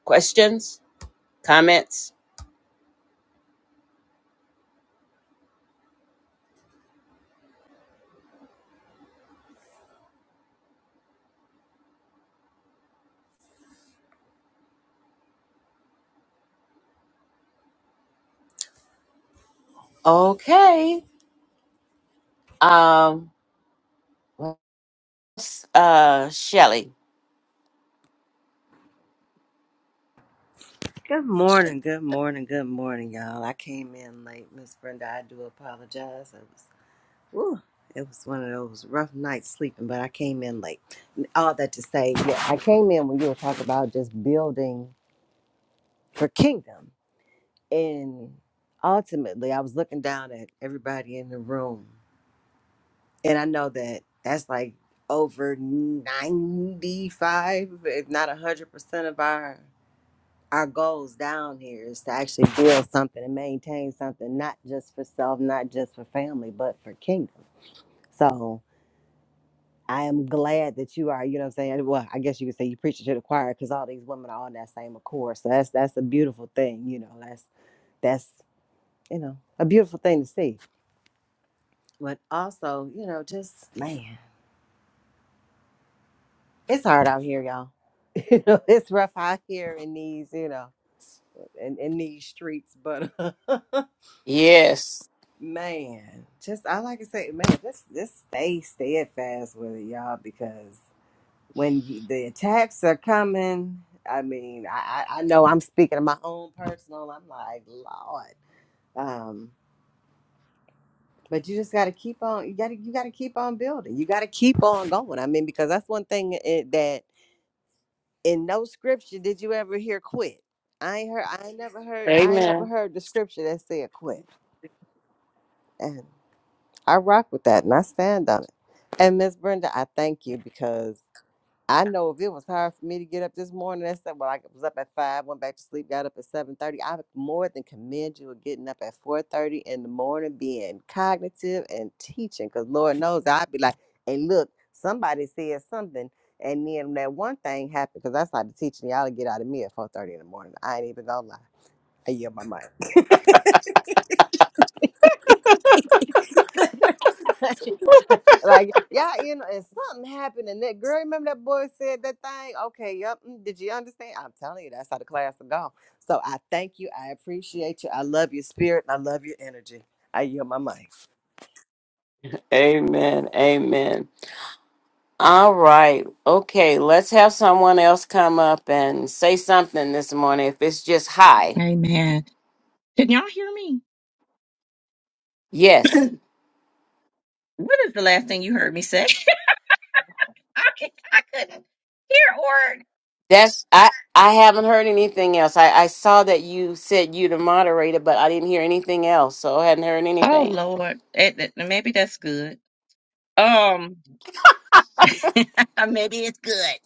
Questions? Comments? Okay. Um, uh, Shelly.
Good morning, good morning, good morning, y'all. I came in late, Miss Brenda. I do apologize. It was, whew, it was one of those rough nights sleeping, but I came in late. All that to say, yeah, I came in when you were talking about just building for kingdom, and ultimately, I was looking down at everybody in the room, and I know that that's like over ninety-five, if not hundred percent of our our goals down here is to actually build something and maintain something, not just for self, not just for family, but for kingdom. So I am glad that you are, you know what I'm saying? Well, I guess you could say you preaching to the choir because all these women are on that same accord. So that's that's a beautiful thing, you know, that's that's you know, a beautiful thing to see. But also, you know, just man, it's hard out here, y'all. you know, it's rough out here in these, you know, in, in these streets, but
Yes.
Man, just I like to say, man, let's let stay steadfast with it, y'all, because when you, the attacks are coming, I mean, I I I know I'm speaking of my own personal. I'm like, Lord, um, but you just got to keep on. You got to you got to keep on building. You got to keep on going. I mean, because that's one thing it, that in no scripture did you ever hear quit. I ain't heard. I ain't never heard. I ain't never
Amen.
heard the scripture that said quit. I rock with that and I stand on it. And Miss Brenda, I thank you because I know if it was hard for me to get up this morning and said, well, I was up at five, went back to sleep, got up at seven thirty. I more than commend you with getting up at four thirty in the morning, being cognitive and teaching. Because Lord knows I'd be like, hey, look, somebody said something. And then that one thing happened because I started teaching y'all to get out of me at four thirty in the morning. I ain't even gonna lie. I yield my mic. like, yeah, you know, and something happened, and that girl, remember that boy said that thing? Okay, yep. mm, Did you understand? I'm telling you, that's how the class will go. So I thank you. I appreciate you. I love your spirit. And I love your energy. I yield my mic.
Amen. Amen. All right. Okay, let's have someone else come up and say something this morning if it's just
on.
hi.
Amen. Can y'all hear me?
Yes.
what is the last thing you heard me say? I, can't- I couldn't hear or.
That's I I haven't heard anything else. I I saw that you said you the moderator, but I didn't hear anything else. So I hadn't heard
Oh
anything.
Lord, It- it- maybe that's good. Um, maybe it's good.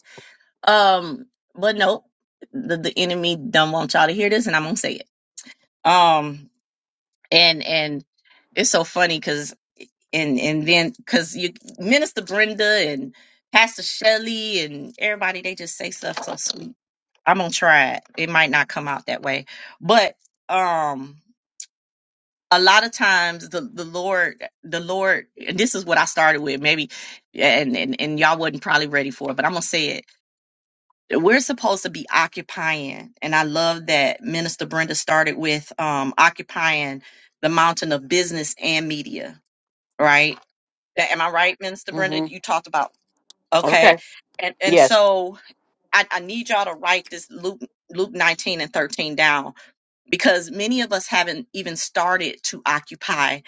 Um, but no, the, the enemy don't want y'all to hear this, and I'm gonna say it. Um, and and it's so funny and and then because you minister brenda and pastor shelley and everybody they just say stuff so sweet i'm gonna try it it might not come out that way but um a lot of times the the lord the lord and this is what i started with maybe and and, and y'all wasn't probably ready for it but i'm gonna say it we're supposed to be occupying and i love that minister brenda started with um occupying the mountain of business and media right Am I right, Minister Brenda?
Mhm.
You talked about okay,
Okay.
and and
Yes.
so I, I need y'all to write this Luke Luke nineteen and thirteen down because many of us haven't even started to occupy.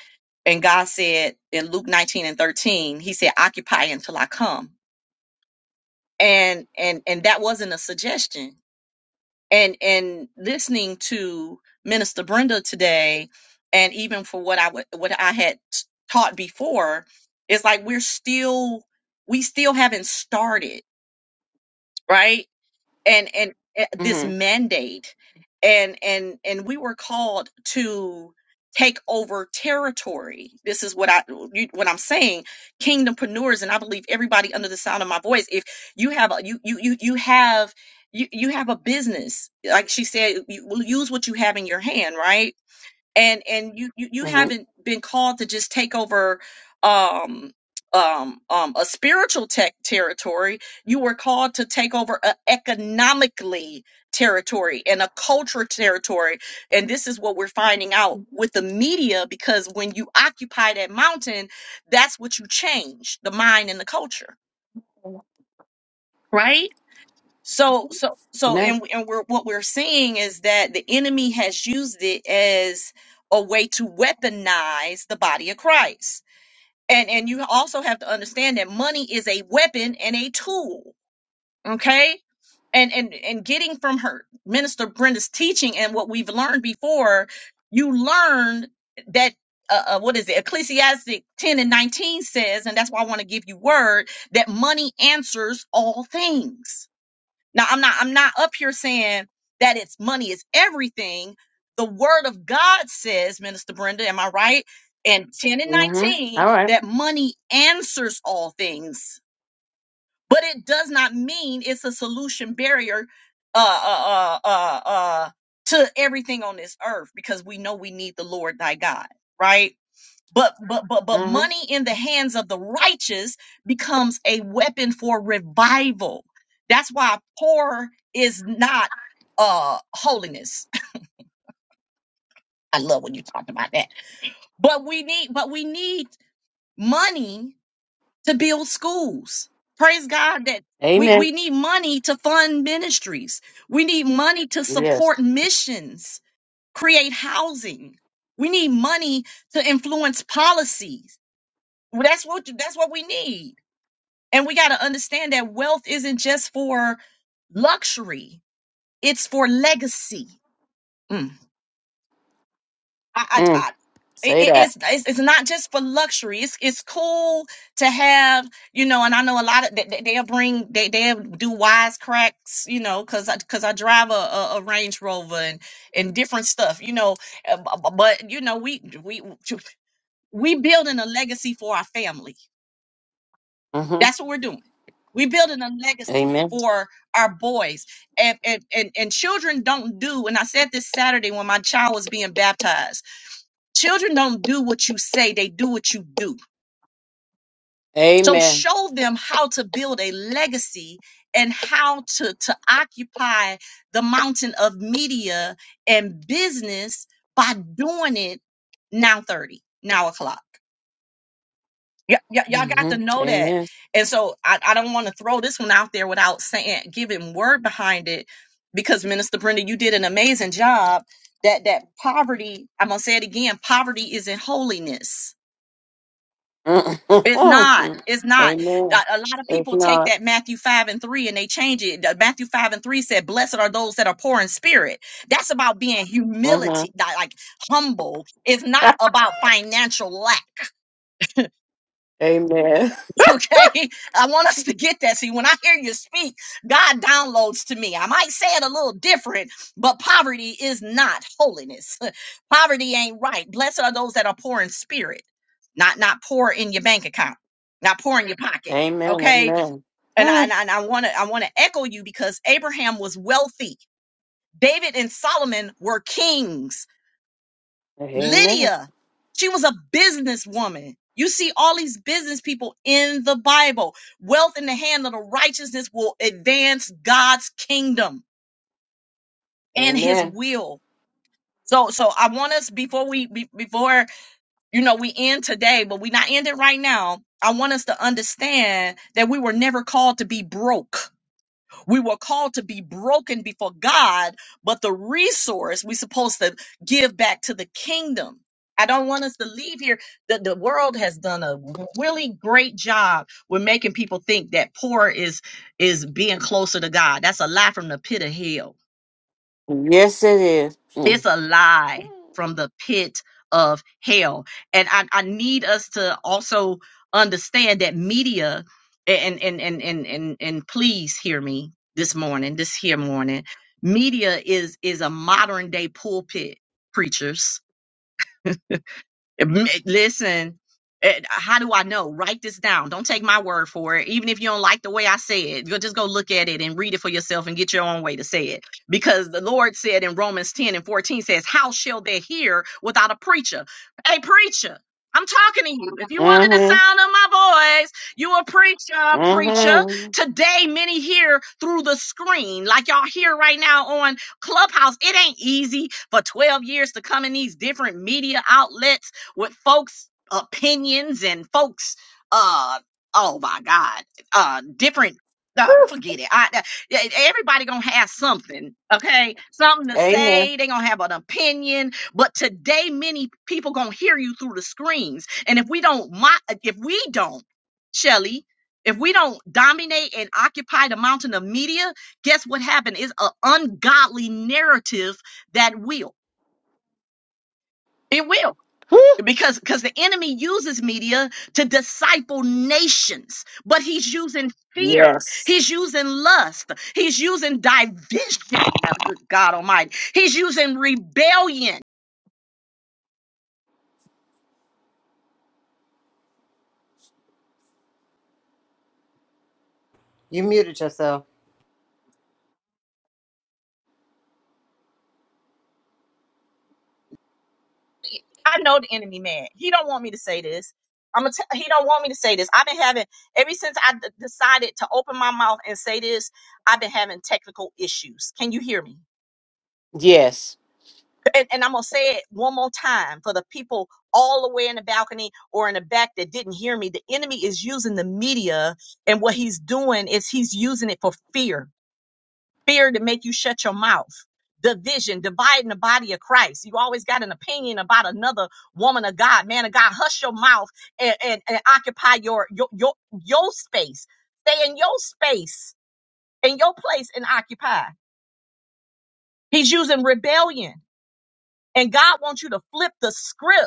And God said in Luke nineteen and thirteen, He said, "Occupy until I come." And and and that wasn't a suggestion. and and listening to Minister Brenda today, and even for what I would what I had t- taught before, it's like we're still we still haven't started, right? and and uh, this
Mhm.
mandate and and and we were called to take over territory this is what i you- what i'm saying kingdompreneurs and i believe everybody under the sound of my voice if you have a you you you, you have you, you have a business like she said you will use what you have in your hand right and and you you, you
Mhm.
haven't been called to just take over um um, um a spiritual tech territory you were called to take over a economically territory and a culture territory and this is what we're finding out with the media because when you occupy that mountain that's what you change the mind and the culture right so, so, so,
Amen.
and and we're what we're seeing is that the enemy has used it as a way to weaponize the body of Christ. And and you also have to understand that money is a weapon and a tool. Okay. And and and getting from her minister Brenda's teaching and what we've learned before, you learned that. Uh, uh, what is it? Ecclesiastic 10 and 19 says, and that's why I want to give you word that money answers all things now I'm not I'm not up here saying that it's money is everything. The word of God says, Minister Brenda, am I right? And 10 and
Mhm.
19
All right.
that money answers all things, but it does not mean it's a solution barrier uh uh uh uh, uh to everything on this earth because we know we need the Lord thy God, right? but but but but
Mhm.
money in the hands of the righteous becomes a weapon for revival that's why poor is not uh holiness i love when you talk about that but we need but we need money to build schools praise god that we,
Amen.
we need money to fund ministries we need money to
Yes.
support missions create housing we need money to influence policies Well, that's what that's what we need And we got to understand that wealth isn't just for luxury, it's for legacy. Mm. I, I,
Mm.
I, it,
Say
it-
that.
it's, it's it's not just for luxury. It's it's cool to have, you know, and I know a lot of they, they- they'll bring they they'll do wise cracks, you know, cause I cause I drive a, a, a Range Rover and and different stuff, you know, uh, bu- bu- but you know we we we building a legacy for our family
Mhm.
That's what we're doing. We're building a legacy
Amen.
for our boys. And, and, and, and children don't do, and I said this Saturday when my child was being baptized children don't do what you say, they do what you do. So
Amen.
show them how to build a legacy and how to, to occupy the mountain of media and business by doing it now 30, now o'clock. Y- y- y'all got to
Mhm.
know that.
Amen.
And so I, I don't want to throw this one out there without saying giving word behind it because Minister Brenda, you did an amazing job. That that poverty, I'm gonna say it again, poverty isn't holiness. It's not.
amen.
It's not. A a lot of
It's
people take
not.
that Matthew 5 and 3 and they change it. The Matthew 5 and 3 said, Blessed are those that are poor in spirit. That's about being
Mhm.
humility, like like humble. It's not about financial lack.
Amen.
Okay, I want us to get that. See, when I hear you speak, God downloads to me. I might say it a little different, but poverty is not holiness. poverty ain't right. Blessed are those that are poor in spirit, not not poor in your bank account, not poor in your pocket.
Amen.
Okay,
Amen.
and I
Huh.
and I want to I want to echo you because Abraham was wealthy. David and Solomon were kings.
Amen.
Lydia, she was a businesswoman. You see all these business people in the Bible. Wealth in the hand of the righteousness will advance God's kingdom and his
Amen.
will. So so I want us before we be- before you know we end today, but we not end it right now. I want us to understand that we were never called to be broke. We were called to be broken before God, but the resource we're supposed to give back to the kingdom. I don't want us to leave here. The, the world has done a really great job with making people think that poor is is being closer to God. That's a lie from the pit of hell
Yes, it is. Mm.
it's a lie from the pit of hell and i, I need us to also understand that media and and and and and, and please hear me this morning this here morning media is is a modern day pulpit preachers M- Listen, eh, how do I know? Write this down. Don't take my word for it. Even if you don't like the way I say it, you just go look at it and read it for yourself and get your own way to say it. Because the Lord said in Romans 10 and 14 says, How shall they hear without a preacher? A preacher. I'm talking to you. If you wanted the
Mm-hmm.
sound of my voice, you a preacher, preacher.
Mm-hmm.
Today, many hear through the screen, like y'all hear right now on Clubhouse. It ain't easy for 12 years to come in these different media outlets with folks' opinions and folks. Uh, oh my God, uh, different. Uh, forget it. I, I- yeah, everybody gonna have something, okay? Something to
Amen.
say. They gonna have an opinion. But today, many people gonna hear you through the screens. And if we don't, mo- if we don't, Shelly, if we don't dominate and occupy the mountain of media, guess what happened? It's an ungodly narrative that will. It will
Whew.
because because the enemy uses media to disciple nations but he's using fear
Yes.
he's using lust he's using division Oh, good god almighty he's using rebellion
You muted yourself.
i know the enemy man he don't want me to say this i'm gonna t- he don't want me to say this i've been having ever since i d- decided to open my mouth and say this i've been having technical issues can you hear me
Yes.
and, and I'm gonna say it one more time for the people all the way in the balcony or in the back that didn't hear me. The enemy is using the media, and what he's doing is he's using it for fear, fear to make you shut your mouth. Division, dividing the body of Christ. You always got an opinion about another woman of God, man of God. Hush your mouth and, and, and occupy your, your your your space. Stay in your space, in your place, and occupy. He's using rebellion, and God wants you to flip the script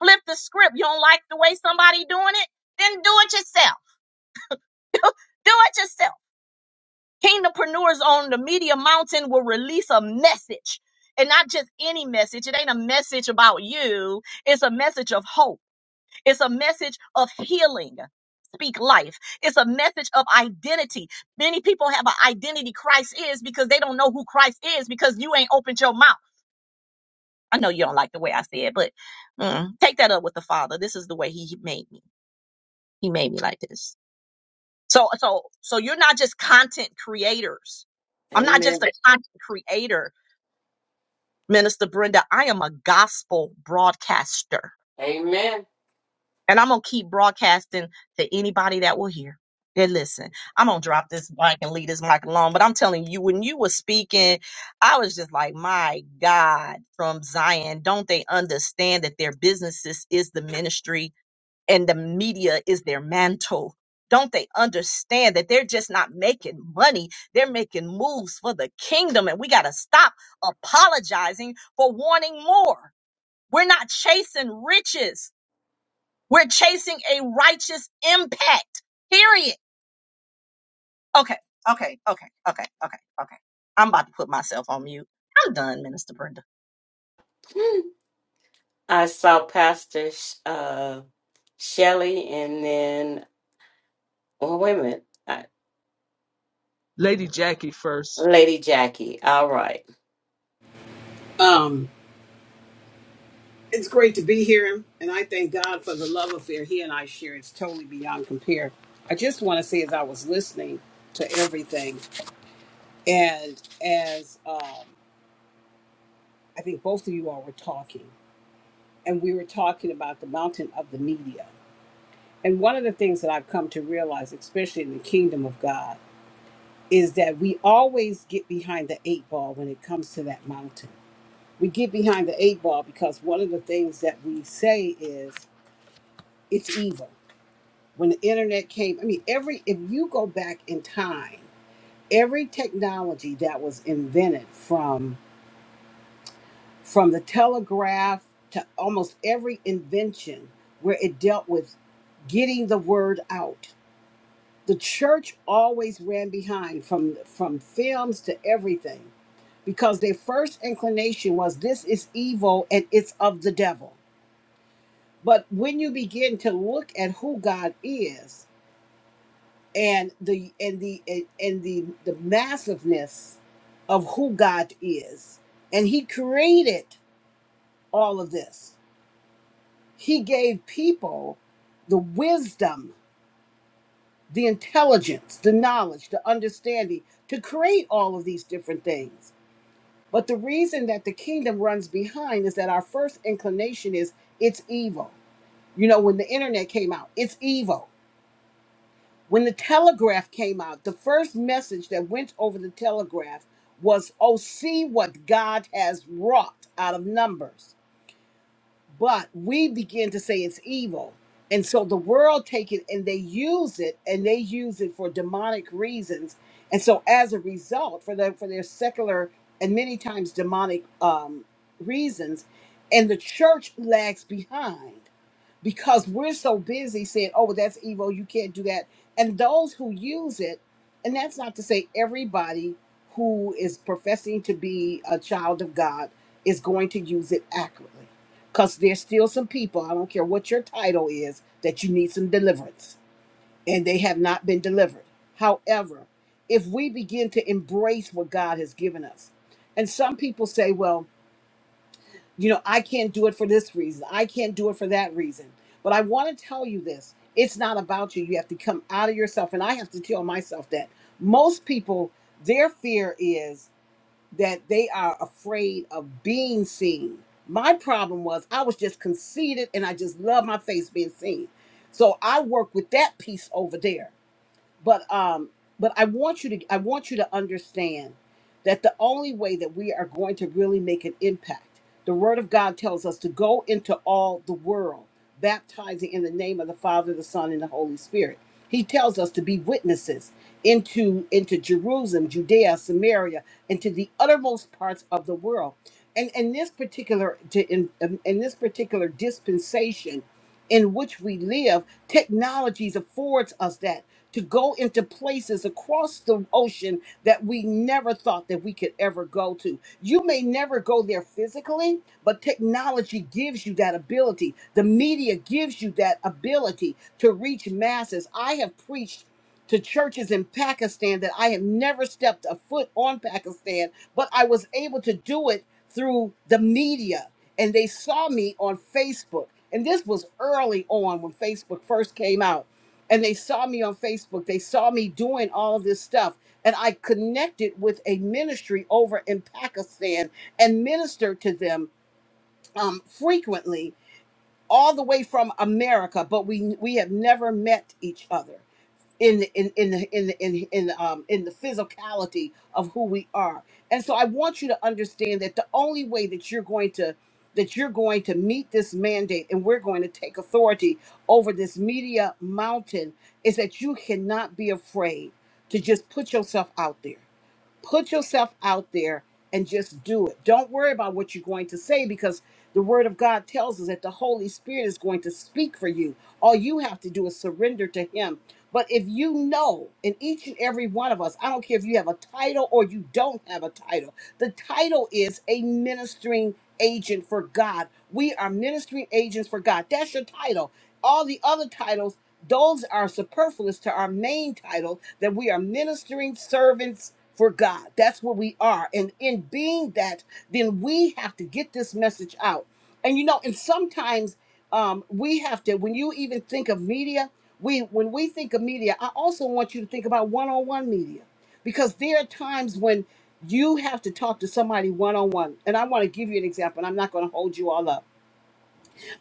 Flip the script. You don't like the way somebody doing it? Then do it yourself. Do it yourself. Kingdompreneurs on the media mountain will release a message. And not just any message. It ain't a message about you. It's a message of hope. It's a message of healing. Speak life. It's a message of identity. Many people have an identity Christ is because they don't know who Christ is because you ain't opened your mouth. I know you don't like the way I said, it, but mm, take that up with the Father. This is the way He made me. He made me like this. So so so you're not just content creators. I'm not just
Amen.
a content creator, Minister Brenda. I am a gospel broadcaster.
Amen.
And I'm gonna keep broadcasting to anybody that will hear. And listen, I'm gonna drop this mic and leave this mic alone. But I'm telling you, when you were speaking, I was just like, my God, from Zion, don't they understand that their businesses is the ministry and the media is their mantle. Don't they understand that they're just not making money? They're making moves for the kingdom, and we got to stop apologizing for wanting more. We're not chasing riches, we're chasing a righteous impact, period. Okay, okay, okay, okay, okay, okay. I'm about to put myself on mute. I'm done, Minister Brenda.
Hmm. I saw Pastor Sh- uh, Shelly and then, oh, wait a minute, I,
Lady Jackie first.
Lady Jackie. All right.
Um, it's great to be here, and I thank God for the love affair he and I share. It's totally beyond compare. I just want to say, as I was listening to everything, and as um, I think both of you all were talking, and we were talking about the mountain of the media. And one of the things that I've come to realize, especially in the kingdom of God, is that we always get behind the eight ball when it comes to that mountain. We get behind the eight ball because one of the things that we say is it's evil when the internet came i mean every if you go back in time every technology that was invented from from the telegraph to almost every invention where it dealt with getting the word out the church always ran behind from from films to everything because their first inclination was this is evil and it's of the devil but when you begin to look at who god is and the and the and the the massiveness of who God is. And he created all of this. He gave people the wisdom, the intelligence, the knowledge, the understanding to create all of these different things. But the reason that the kingdom runs behind is that our first inclination is it's evil. You know, when the internet came out, it's evil When the telegraph came out, the first message that went over the telegraph was, Oh, see what God has wrought out of numbers. But we begin to say it's evil. And so the world take it and they use it and they use it for demonic reasons. And so as a result, for their for their secular and many times demonic um, reasons, and the church lags behind because we're so busy saying, oh, well, that's evil, you can't do that. And those who use it, and that's not to say everybody who is professing to be a child of God is going to use it accurately. Because there's still some people, I don't care what your title is, that you need some deliverance, and they have not been delivered. However, if we begin to embrace what God has given us, and some people say, well, you know, I can't do it for this reason. I can't do it for that reason. But I want to tell you this it's not about you. You have to come out of yourself. And I have to tell myself that most people, their fear is that they are afraid of being seen. My problem was I was just conceited and I just love my face being seen. So I work with that piece over there but um but i want you to i want you to understand that the only way that we are going to really make an impact the word of god tells us to go into all the world baptizing in the name of the father the son and the holy spirit he tells us to be witnesses into into jerusalem judea samaria and to the uttermost parts of the world and in this particular to in, in this particular dispensation in which we live, technologies affords us that to go into places across the ocean that we never thought that we could ever go to. You may never go there physically, but technology gives you that ability. The media gives you that ability to reach masses. I have preached to churches in Pakistan that I have never stepped a foot on Pakistan, but I was able to do it through the media and they saw me on Facebook. And this was early on when Facebook first came out. And they saw me on Facebook. They saw me doing all of this stuff. And I connected with a ministry over in Pakistan and ministered to them um, frequently, all the way from America, but we we have never met each other in the- in in the in the, in the- in the, um in the physicality of who we are. And so I want you to understand that the only way that you're going to that you're going to meet this mandate and we're going to take authority over this media mountain is that you cannot be afraid to just put yourself out there Put yourself out there and just do it. Don't worry about what you're going to say because the Word of God tells us that the Holy Spirit is going to speak for you. All you have to do is surrender to Him. But if you know, in each and every one of us, I don't care if you have a title or you don't have a title, the title is a ministering agent for God. We are ministering agents for God. That's your title. All the other titles those are superfluous to our main title that we are ministering servants for God. That's what we are. And in being that, then we have to get this message out. And you know, and sometimes um, we have to, when you even think of media, we when we think of media, I also want you to think about one-on-one media. Because there are times when you have to talk to somebody one-on-one. And I want to give you an example, and I'm not going to hold you all up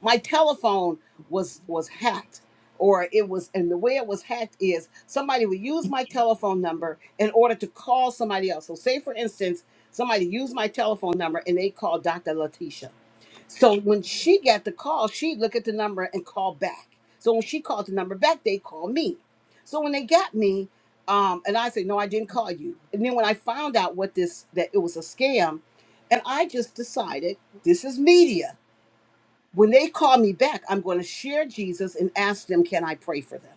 my telephone was was hacked or it was and the way it was hacked is somebody would use my telephone number in order to call somebody else. So say for instance, somebody used my telephone number and they called Dr. Letitia. So when she got the call, she looked at the number and called back. So when she called the number back, they called me. So when they got me, um, and I said, no, I didn't call you. And then when I found out what this that it was a scam, and I just decided this is media. When they call me back, I'm going to share Jesus and ask them, can I pray for them?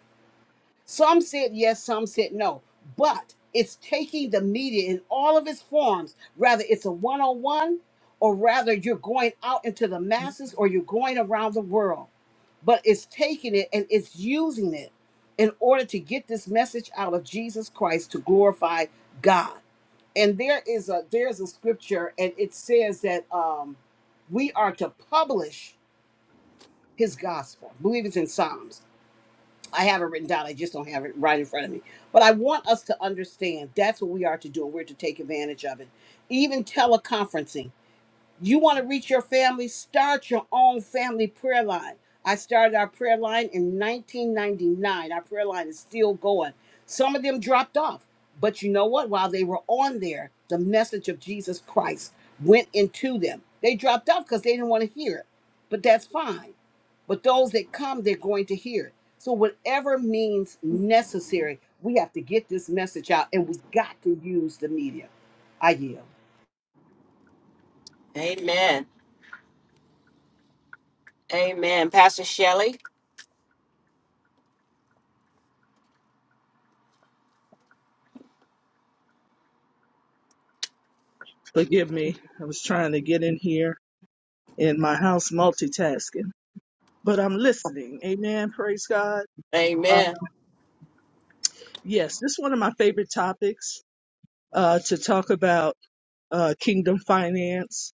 Some said yes, some said no. But it's taking the media in all of its forms, rather it's a one on one, or rather you're going out into the masses or you're going around the world. But it's taking it and it's using it in order to get this message out of Jesus Christ to glorify God. And there is a there's a scripture and it says that um, we are to publish his gospel. I believe it's in Psalms. I have it written down. I just don't have it right in front of me. But I want us to understand that's what we are to do. We're to take advantage of it. Even teleconferencing. You want to reach your family? Start your own family prayer line. I started our prayer line in 1999. Our prayer line is still going. Some of them dropped off, but you know what? While they were on there, the message of Jesus Christ went into them. They dropped off because they didn't want to hear it, but that's fine. But those that come, they're going to hear it. So, whatever means necessary, we have to get this message out and we got to use the media. I yield.
Amen. Amen. Pastor Shelley.
Forgive me. I was trying to get in here in my house multitasking, but I'm listening. Amen. Praise God. Uh,
Amen.
yes, this is one of my favorite topics uh, to talk about uh, kingdom finance,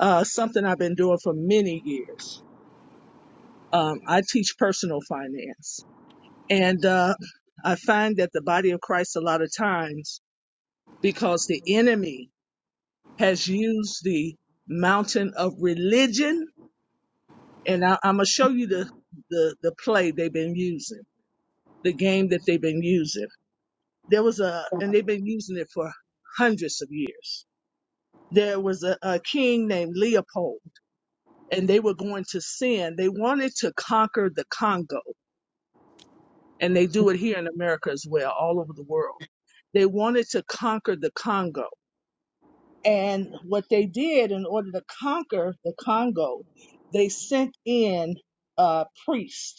uh, something I've been doing for many years. Um, I teach personal finance, and uh, I find that the body of Christ, a lot of times, because the enemy has used the mountain of religion and I, I'm gonna show you the, the the play they've been using, the game that they've been using. There was a, and they've been using it for hundreds of years. There was a, a king named Leopold, and they were going to send. They wanted to conquer the Congo, and they do it here in America as well, all over the world. They wanted to conquer the Congo, and what they did in order to conquer the Congo, they sent in a priest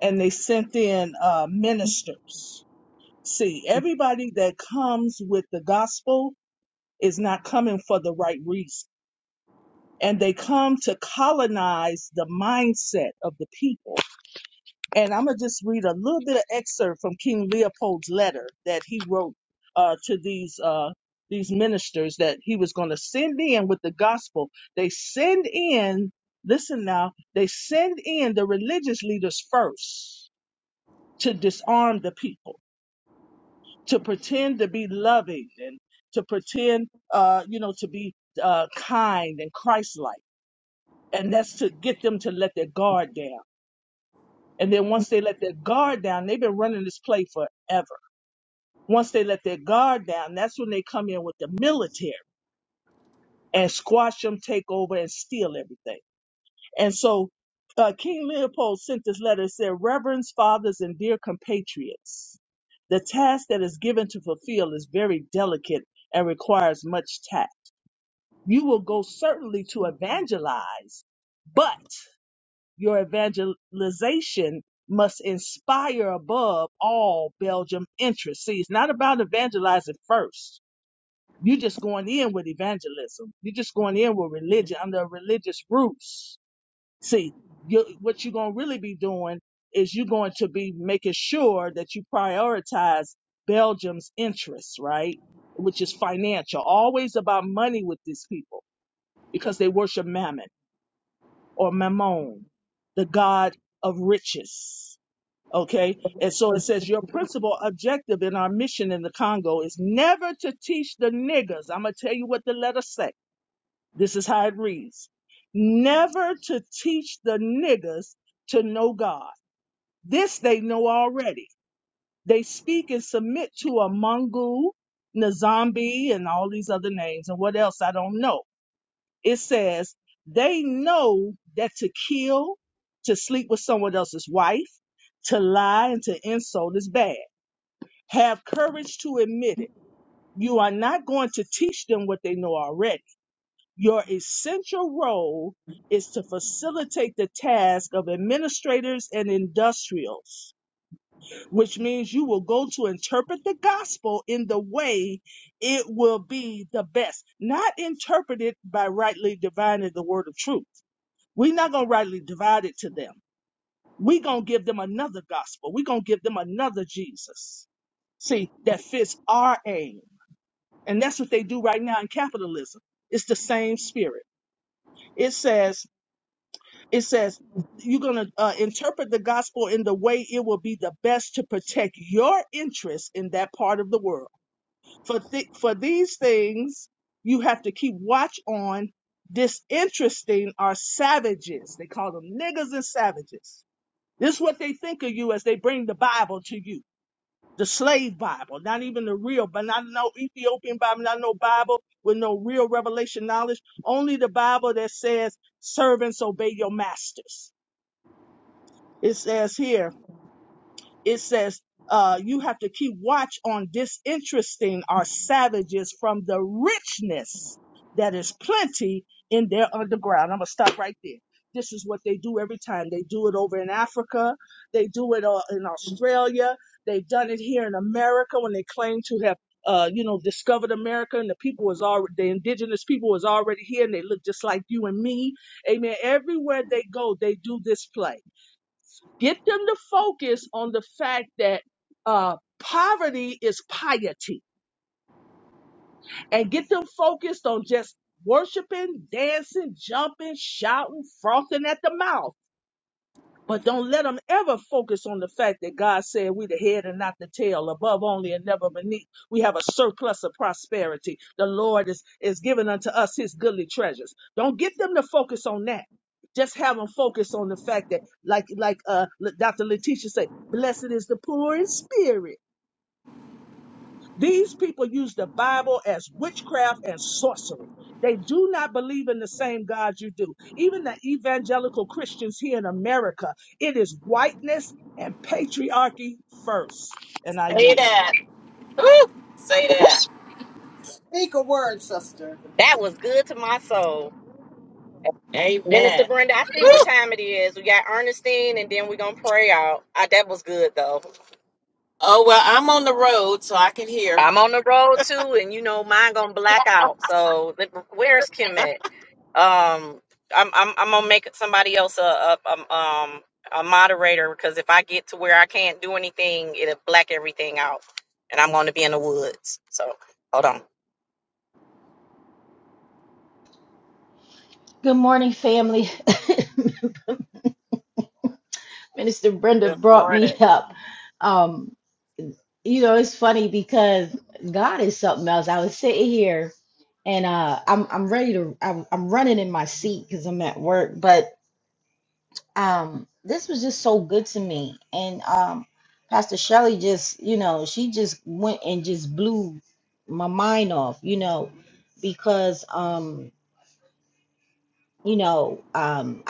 and they sent in uh, ministers. See, everybody that comes with the gospel is not coming for the right reason. And they come to colonize the mindset of the people. And I'm going to just read a little bit of excerpt from King Leopold's letter that he wrote uh, to these. Uh, these ministers that he was going to send in with the gospel. They send in, listen now, they send in the religious leaders first to disarm the people to pretend to be loving and to pretend, uh, you know, to be uh, kind and Christ-like, and that's to get them to let their guard down. And then once they let their guard down, they've been running this play forever. Once they let their guard down, that's when they come in with the military and squash them, take over, and steal everything. And so uh, King Leopold sent this letter. It said, Reverends, fathers, and dear compatriots, the task that is given to fulfill is very delicate and requires much tact. You will go certainly to evangelize, but your evangelization must inspire above all Belgium interest. See, it's not about evangelizing first. You're just going in with evangelism. You're just going in with religion under a religious roots. See, you, what you're going to really be doing is you're going to be making sure that you prioritize Belgium's interests, right? Which is financial, always about money with these people because they worship Mammon or Mammon, the god of riches. Okay. And so it says your principal objective in our mission in the Congo is never to teach the niggers. I'm going to tell you what the letter say. This is how it reads. Never to teach the niggers to know God. This they know already. They speak and submit to a Mungu, Nzambi, and all these other names and what else I don't know It says they know that to kill, to sleep with someone else's wife, to lie, and to insult is bad. Have courage to admit it. You are not going to teach them what they know already. Your essential role is to facilitate the task of administrators and industrials, which means you will go to interpret the gospel in the way it will be the best, not interpreted by rightly divining the word of truth. We're not going to rightly divide it to them. We're going to give them another gospel. We're going to give them another Jesus. See, that fits our aim. And that's what they do right now in capitalism. It's the same spirit. It says, it says, you're going to uh, interpret the gospel in the way it will be the best to protect your interests in that part of the world. For, th- for these things, you have to keep watch on. Disinteresting are savages. They call them niggas and savages This is what they think of you as they bring the Bible to you. The slave Bible, not even the real, but not no Ethiopian Bible, not no Bible with no real revelation knowledge. Only the Bible that says, servants obey your masters. It says here, it says, uh, you have to keep watch on disinteresting our savages from the richness that is plenty in their underground. I'm going to stop right there. This is what they do every time. They do it over in Africa. They do it uh, in Australia. They've done it here in America when they claim to have uh, you know, discovered America and the people was already, the indigenous people was already here and they look just like you and me. Amen. Everywhere they go, they do this play. Get them to focus on the fact that uh, poverty is piety and get them focused on just worshiping, dancing, jumping, shouting, frothing at the mouth. But don't let them ever focus on the fact that God said we're the head and not the tail, above only and never beneath. We have a surplus of prosperity. The Lord is, is giving unto us his goodly treasures. Don't get them to focus on that. Just have them focus on the fact that, like like uh, Dr. Letitia said, blessed is the poor in spirit. These people use the Bible as witchcraft and sorcery. They do not believe in the same God you do. Even the evangelical Christians here in America, it is whiteness and patriarchy first. And I
Say
yield.
that. Woo. Say that.
Speak a word, sister.
That was good to my soul. Minister
Amen.
Brenda, I see
Woo.
what time it is. We got Ernestine, and then we're gonna pray out. Uh, that was good though.
Oh, well, I'm on the road, so I can hear.
I'm on the road too, and you know mine gonna black out. So let- where's Kim at? Um, I'm I'm I'm gonna make somebody else a a, a um a moderator because if I get to where I can't do anything, it'll black everything out, and I'm gonna be in the woods. So hold on.
Good morning, family. Minister Brenda
Good
brought me
morning.
up. Um, you know, it's funny because God is something else. I was sitting here and uh I'm I'm ready to I'm, I'm running in my seat because I'm at work, but um this was just so good to me. And um Pastor Shelley just, you know, she just went and just blew my mind off, you know, because um you know, um,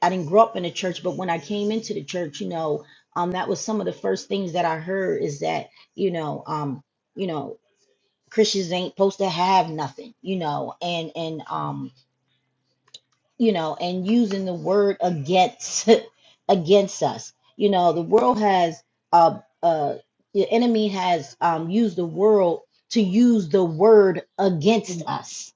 I didn't grow up in a church, but when I came into the church, you know, um, that was some of the first things that I heard is that, you know, um, you know, Christians ain't supposed to have nothing, you know, and and um, you know, and using the word against against us, you know, the world has uh uh the enemy has um used the world to use the word against us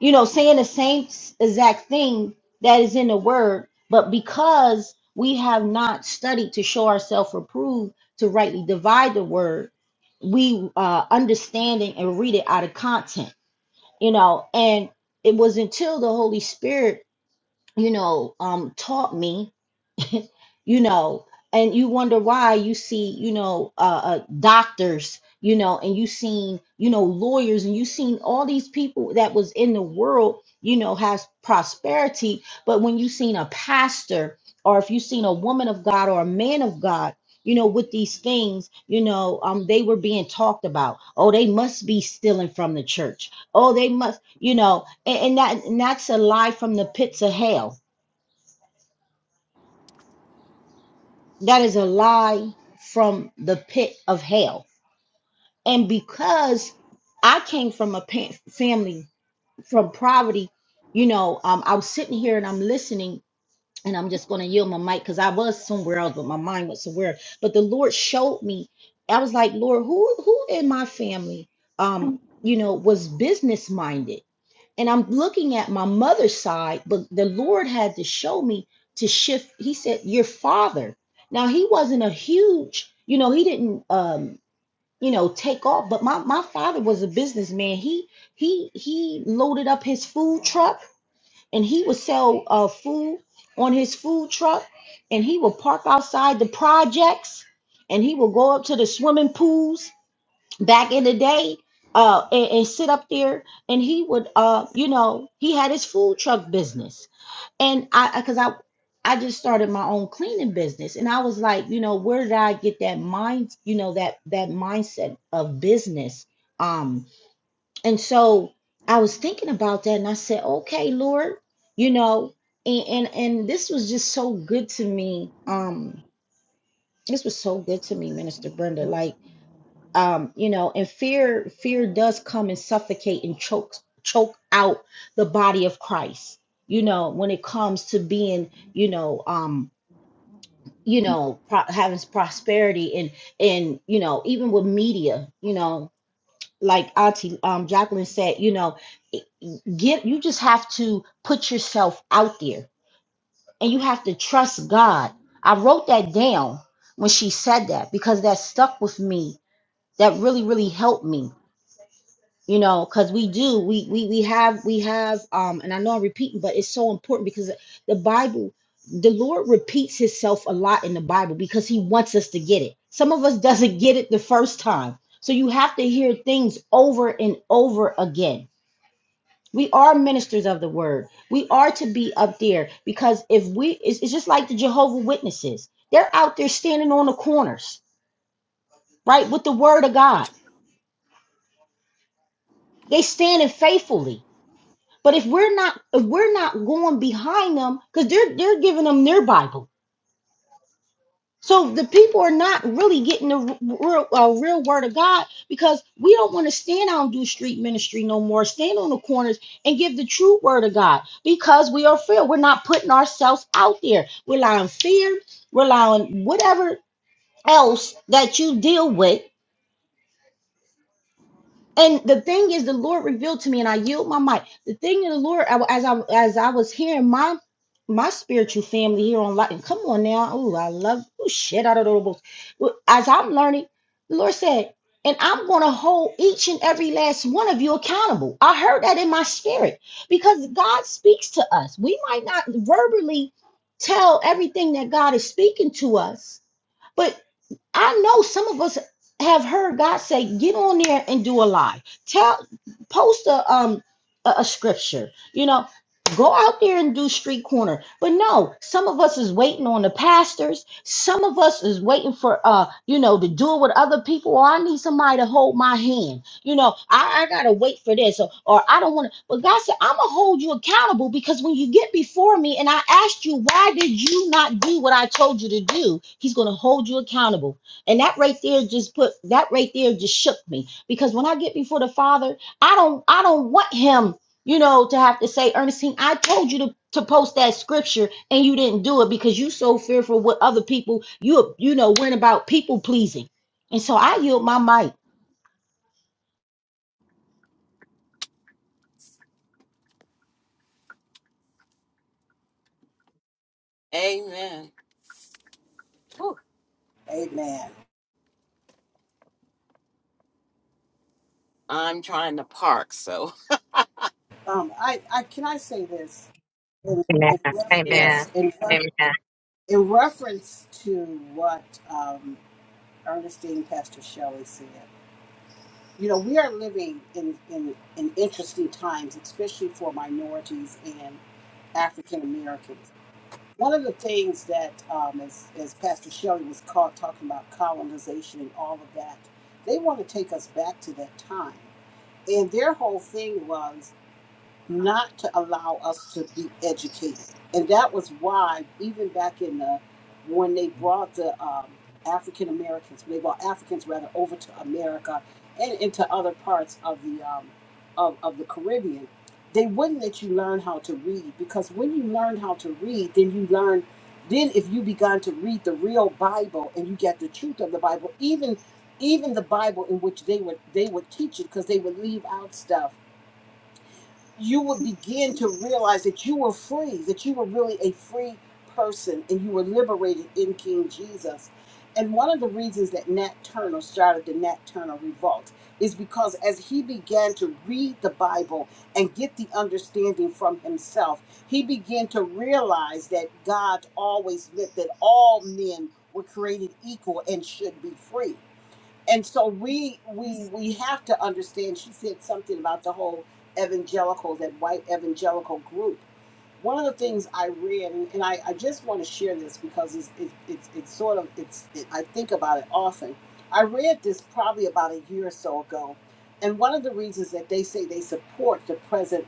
you know, saying the same exact thing that is in the word, but because we have not studied to show ourselves approved to rightly divide the word, we uh, understand it and read it out of content, you know. And it was until the Holy Spirit, you know, um, taught me you know, and you wonder why you see, you know, uh, uh, doctors, you know, and you seen, you know, lawyers, and you seen all these people that was in the world, you know, has prosperity. But when you seen a pastor, or if you seen a woman of God or a man of God, you know, with these things, you know, um, they were being talked about. Oh, they must be stealing from the church. Oh, they must, you know, and, and that and that's a lie from the pits of hell That is a lie from the pit of hell. And because I came from a pa- family from poverty, you know, um, I was sitting here and I'm listening, and I'm just going to yield my mic because I was somewhere else, but my mind was somewhere. But the Lord showed me. I was like, Lord, who who in my family, um, you know, was business minded? and I'm looking at my mother's side, but the Lord had to show me to shift. He said, Your father. Now, he wasn't a huge, you know, he didn't, um, you know, take off, but my, my father was a businessman. He, he, he loaded up his food truck and he would sell uh, food on his food truck and he would park outside the projects and he would go up to the swimming pools back in the day uh and, and sit up there and he would uh you know he had his food truck business and i because i i just started my own cleaning business and i was like you know where did i get that mind you know that that mindset of business um and so i was thinking about that and i said okay lord you know and and, and this was just so good to me um this was so good to me minister brenda like um, you know, and fear fear does come and suffocate and choke choke out the body of Christ. You know, when it comes to being, you know, um, you know, pro- having prosperity and and you know, even with media, you know, like Auntie um, Jacqueline said, you know, get you just have to put yourself out there, and you have to trust God. I wrote that down when she said that because that stuck with me. That really really helped me you know because we do we, we we have we have um and i know i'm repeating but it's so important because the bible the lord repeats himself a lot in the bible because he wants us to get it some of us doesn't get it the first time so you have to hear things over and over again we are ministers of the word we are to be up there because if we it's, it's just like the jehovah witnesses they're out there standing on the corners right with the word of god they standing faithfully But if we're not if we're not going behind them, because they're they're giving them their Bible, so the people are not really getting the real uh, real word of God because we don't want to stand out and do street ministry no more. Stand on the corners and give the true word of God because we are fear. We're not putting ourselves out there. We're allowing fear. We're allowing whatever else that you deal with And the thing is, the Lord revealed to me, and I yield my mic. The thing of the Lord, I- as I as I was hearing my my spiritual family here on Lightning, come on now, oh, I love, oh shit, out of the books. Well, As I'm learning, the Lord said, and I'm going to hold each and every last one of you accountable. I heard that in my spirit because God speaks to us. We might not verbally tell everything that God is speaking to us, I know some of us have heard God say, "Get on there and do a live. Tell, post a um a, a scripture. You know, go out there and do street corner." But no, some of us is waiting on the pastors. Some of us is waiting for uh, you know, to do it with other people. Or I need somebody to hold my hand. You know, I, I gotta wait for this, or, or I don't want to. But God said, "I'm gonna hold you accountable because when you get before me and I asked you, why did you not do what I told you to do? He's gonna hold you accountable." And that right there just put that right there just shook me because when I get before the Father, I don't I don't want him, you know, to have to say, Ernestine, I told you to to post that scripture and you didn't do it because you so fearful with other people. You you know, worrying about people pleasing. And so I yield my mic.
Amen. Woo.
Amen.
I'm trying to park, so
Um, I, I can I say this in,
Amen.
in reference
yes.
Amen.
in, ref,
Amen.
in reference to what um, Ernestine Pastor Shelley said. You know, we are living in, in in interesting times, especially for minorities and African Americans. One of the things that, um, as, as Pastor Shelley was caught talking about colonization and all of that, they want to take us back to that time. And their whole thing was not to allow us to be educated. And that was why, even back in the, when they brought the um, African Americans, when they brought Africans rather over to America and into other parts of the, um, of, of the Caribbean, they wouldn't let you learn how to read because when you learn how to read, then you learn, then if you began to read the real Bible and you get the truth of the Bible, even even the Bible in which they would they would teach it because they would leave out stuff you would begin to realize that you were free, that you were really a free person and you were liberated in King Jesus. And one of the reasons that Nat Turner started the Nat Turner Revolt is because as he began to read the Bible and get the understanding from himself, he began to realize that God always meant that all men were created equal and should be free and so we we we have to understand she said something about the whole evangelical that white evangelical group one of the things i read and, and I, I just want to share this because it's it, it's it's sort of it's it, i think about it often i read this probably about a year or so ago and one of the reasons that they say they support the present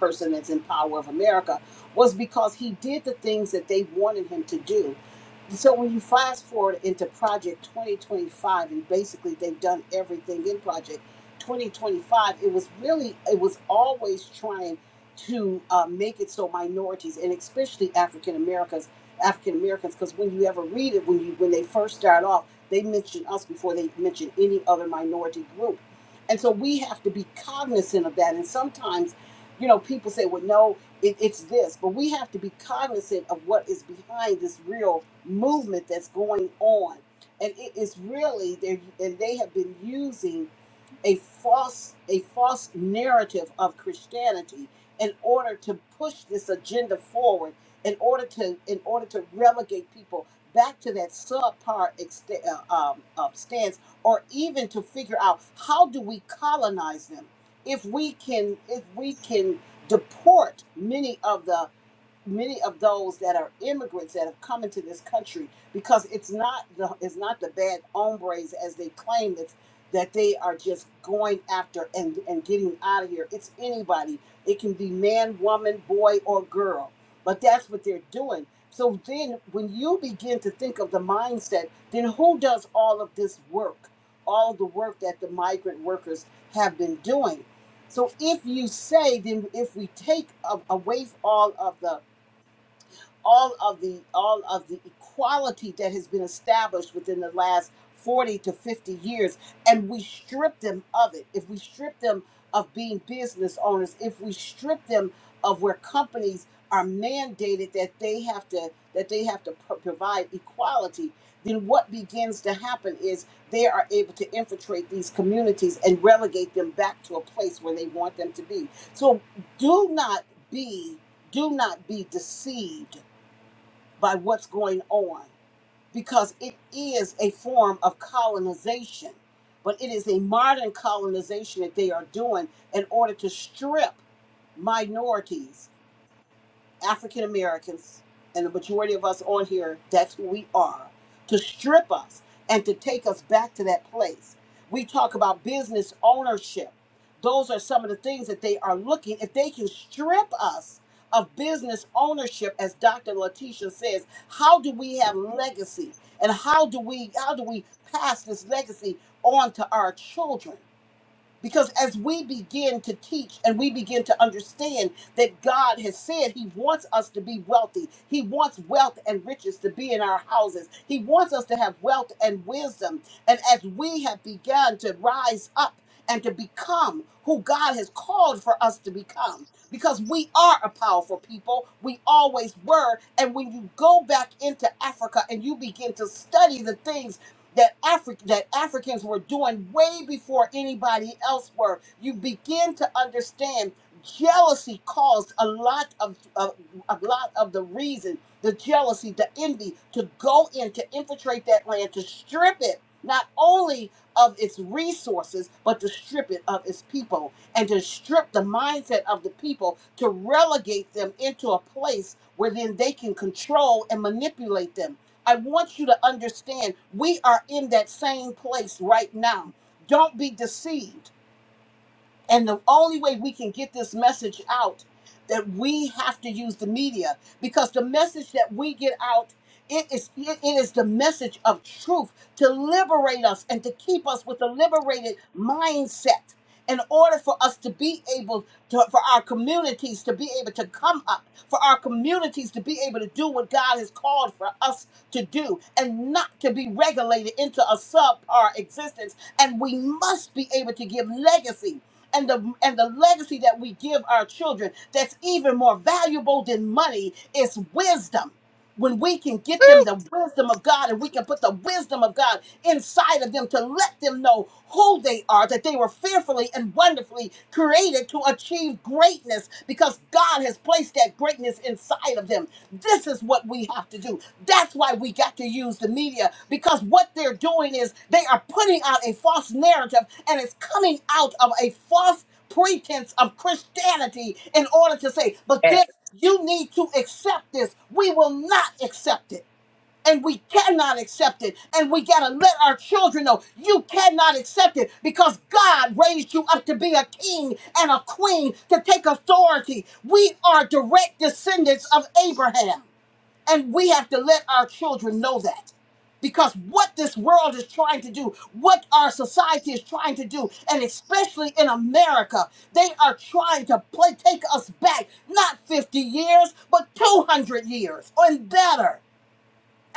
person that's in power of america was because he did the things that they wanted him to do so when you fast forward into Project 2025, and basically they've done everything in Project 2025, it was really it was always trying to uh, make it so minorities and especially African Americans, African Americans, because when you ever read it, when you when they first start off, they mention us before they mention any other minority group, and so we have to be cognizant of that. And sometimes, you know, people say, "Well, no." it, it's this, but we have to be cognizant of what is behind this real movement that's going on. And it is really, they and they have been using a false a false narrative of Christianity in order to push this agenda forward in order to in order to relegate people back to that subpar extent, uh, um, uh, stance or even to figure out how do we colonize them if we can if we can deport many of the many of those that are immigrants that have come into this country because it's not the it's not the bad hombres as they claim that that they are just going after and and getting out of here. It's anybody. It can be man, woman, boy, or girl. But that's what they're doing. So then when you begin to think of the mindset, then who does all of this work? All the work that the migrant workers have been doing. So if you say, then if we take a- away all of the all of the all of the equality that has been established within the last 40 to 50 years and we strip them of it if we strip them of being business owners if we strip them of where companies are mandated that they have to that they have to pro- provide equality then what begins to happen is they are able to infiltrate these communities and relegate them back to a place where they want them to be so do not be do not be deceived by what's going on because it is a form of colonization, but it is a modern colonization that they are doing in order to strip minorities African Americans and the majority of us on here, that's who we are, to strip us and to take us back to that place. We talk about business ownership. Those are some of the things that they are looking. If they can strip us of business ownership, as Dr. Letitia says, how do we have legacy? And how do we how do we pass this legacy on to our children? Because as we begin to teach and we begin to understand that God has said He wants us to be wealthy, He wants wealth and riches to be in our houses, He wants us to have wealth and wisdom. And as we have begun to rise up and to become who God has called for us to become, because we are a powerful people, we always were. And when you go back into Africa and you begin to study the things, that Afri- that Africans were doing way before anybody else were. You begin to understand jealousy caused a lot of, of a lot of the reason, the jealousy, the envy to go in to infiltrate that land to strip it not only of its resources but to strip it of its people and to strip the mindset of the people to relegate them into a place where then they can control and manipulate them I want you to understand we are in that same place right now. Don't be deceived. And the only way we can get this message out that we have to use the media because the message that we get out it is it it is the message of truth to liberate us and to keep us with a liberated mindset in order for us to be able to for our communities to be able to come up for our communities to be able to do what God has called for us to do and not to be regulated into a subpar existence and we must be able to give legacy and the and the legacy that we give our children that's even more valuable than money is wisdom when we can get them the wisdom of God and we can put the wisdom of God inside of them to let them know who they are, that they were fearfully and wonderfully created to achieve greatness because God has placed that greatness inside of them. This is what we have to do. That's why we got to use the media because what they're doing is they are putting out a false narrative and it's coming out of a false pretense of Christianity in order to say, but
Yeah.
this, you need to accept this. We will not accept it. And we cannot accept it. And we got to let our children know you cannot accept it because God raised you up to be a king and a queen to take authority. We are direct descendants of Abraham. And we have to let our children know that. Because what this world is trying to do, what our society is trying to do, and especially in America, they are trying to play, take us back, not 50 years, but 200 years and better.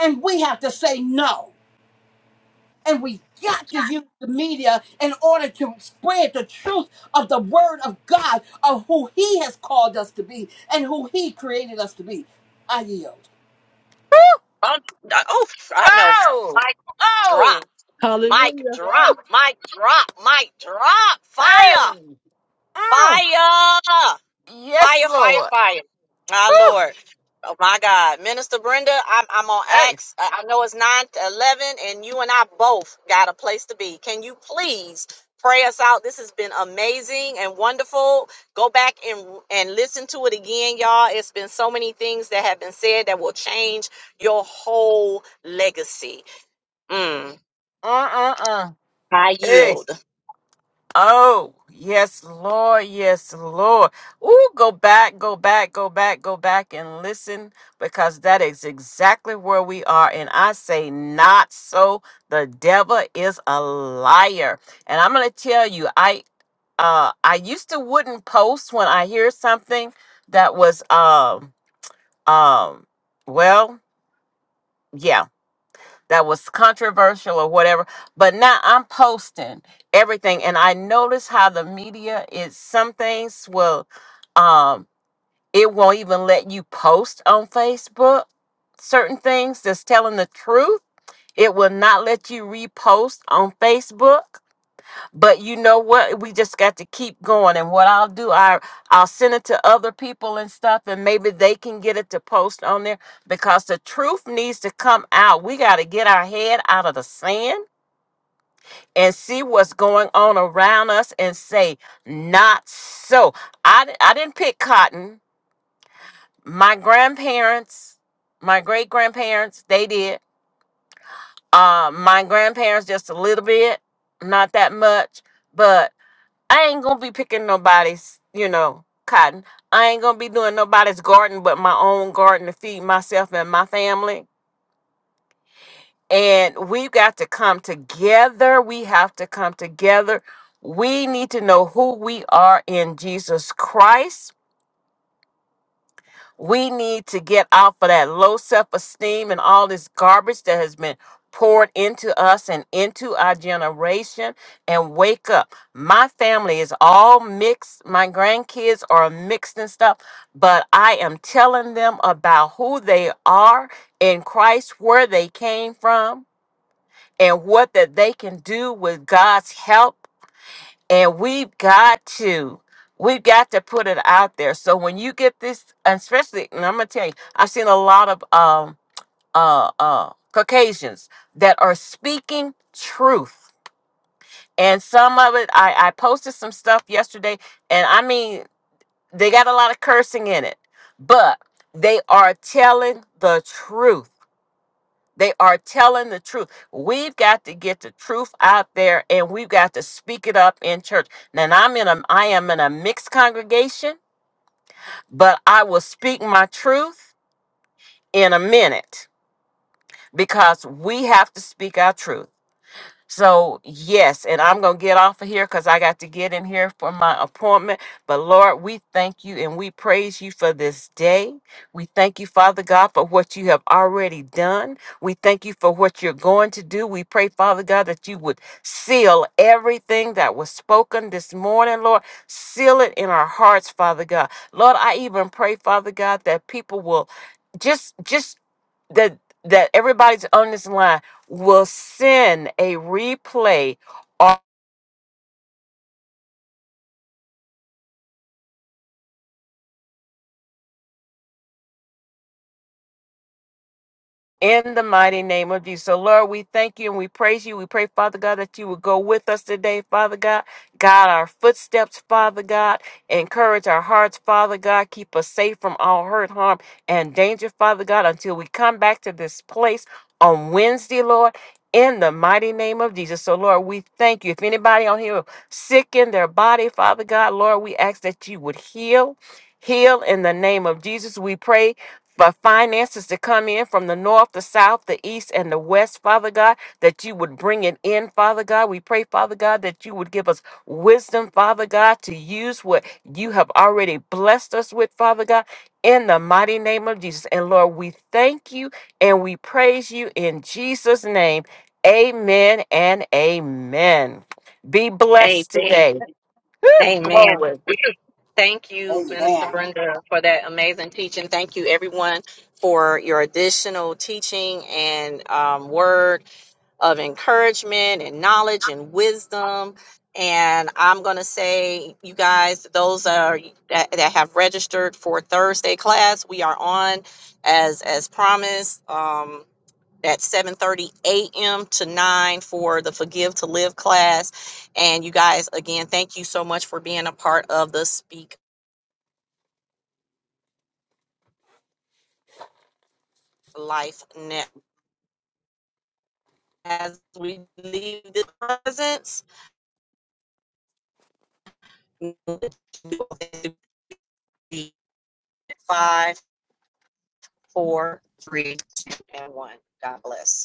And we have to say no. And we got to use the media in order to spread the truth of the word of God, of who He has called us to be and who He created us to be. I yield.
Oh, I- oh, I know.
Oh,
Mic
oh,
drop.
Hallelujah.
Mic drop,
Woo.
mic drop, mic drop.
hey.
Fire,
Mm.
fire,
Yes,
fire, fire,
Lord.
fire. My
Woo.
Lord. Oh my God. Minister Brenda, I'm, I'm on
Hey.
Acts. Uh, I know it's 9 to 11, and you and I both got a place to be. Can you please pray us out? This has been amazing and wonderful. Go back and, and listen to it again, y'all. It's been so many things that have been said that will change your whole legacy. Mm,
Uh, uh,
I
uh.
yield.
Oh, yes, Lord, yes, Lord. Ooh, go back, go back, go back, go back and listen because that is exactly where we are. And I say, not so. The devil is a liar. And I'm going to tell you, I uh I used to wouldn't post when I hear something that was um um well, yeah that was controversial or whatever. But now I'm posting everything, and I notice how the media is. Some things will, um, it won't even let you post on Facebook. Certain things that's telling the truth, it will not let you repost on Facebook but you know what we just got to keep going and what i'll do i i'll send it to other people and stuff and maybe they can get it to post on there because the truth needs to come out we got to get our head out of the sand and see what's going on around us and say not so i di- i didn't pick cotton my grandparents my great grandparents they did uh my grandparents just a little bit not that much but I ain't gonna be picking nobody's, you know, cotton. I ain't gonna be doing nobody's garden but my own garden to feed myself and my family. And we've got to come together. We have to come together. We need to know who we are in Jesus Christ We need to get off of that low self esteem and all this garbage that has been poured into us and into our generation and wake up. My family is all mixed. My grandkids are mixed and stuff, but I am telling them about who they are in Christ, where they came from, and what that they can do with God's help and we've got to, we've got to put it out there. So when you get this, and especially, and I'm gonna tell you, I've seen a lot of um uh uh Caucasians that are speaking truth. And some of it, I, I posted some stuff yesterday, and I mean, they got a lot of cursing in it, but they are telling the truth they are telling the truth. We've got to get the truth out there and we've got to speak it up in church. Now, And I'm in a I am in a mixed congregation, but I will speak my truth in a minute because we have to speak our truth. So, yes, and I'm going to get off of here because I got to get in here for my appointment. But, Lord, we thank you and we praise you for this day. We thank you, Father God, for what you have already done. We thank you for what you're going to do. We pray, Father God, that you would seal everything that was spoken this morning, Lord. Seal it in our hearts, Father God. Lord, I even pray, Father God, that people will just just that that everybody's on this line will send a replay In the mighty name of Jesus. So, Lord, we thank you and we praise you. We pray, Father God, that you would go with us today, Father God. Guide our footsteps, Father God. Encourage our hearts, Father God. Keep us safe from all hurt, harm, and danger, Father God, until we come back to this place on Wednesday, Lord. In the mighty name of Jesus. So, Lord, we thank you. If anybody on here is sick in their body, Father God, Lord, we ask that you would heal. Heal in the name of Jesus. We pray for finances to come in from the north, the south, the east, and the west, Father God, that you would bring it in, Father God. We pray, Father God, that you would give us wisdom, Father God, to use what you have already blessed us with, Father God, in the mighty name of Jesus. And Lord, we thank you and we praise you in Jesus' name. Amen and amen. Be blessed
Amen.
today.
Amen.
Glory.
Thank you,
Amen.
Minister Brenda, for that amazing teaching. Thank you, everyone, for your additional teaching and um, word of encouragement and knowledge and wisdom. And I'm going to say, you guys, those are, that, that have registered for Thursday class, we are on as as promised. Um, at 7:30 a.m. to 9 for the Forgive to Live class. And you guys, again, thank you so much for being a part of the Speak Life Net. As we leave the presence, five, four, three, two, and one. God bless.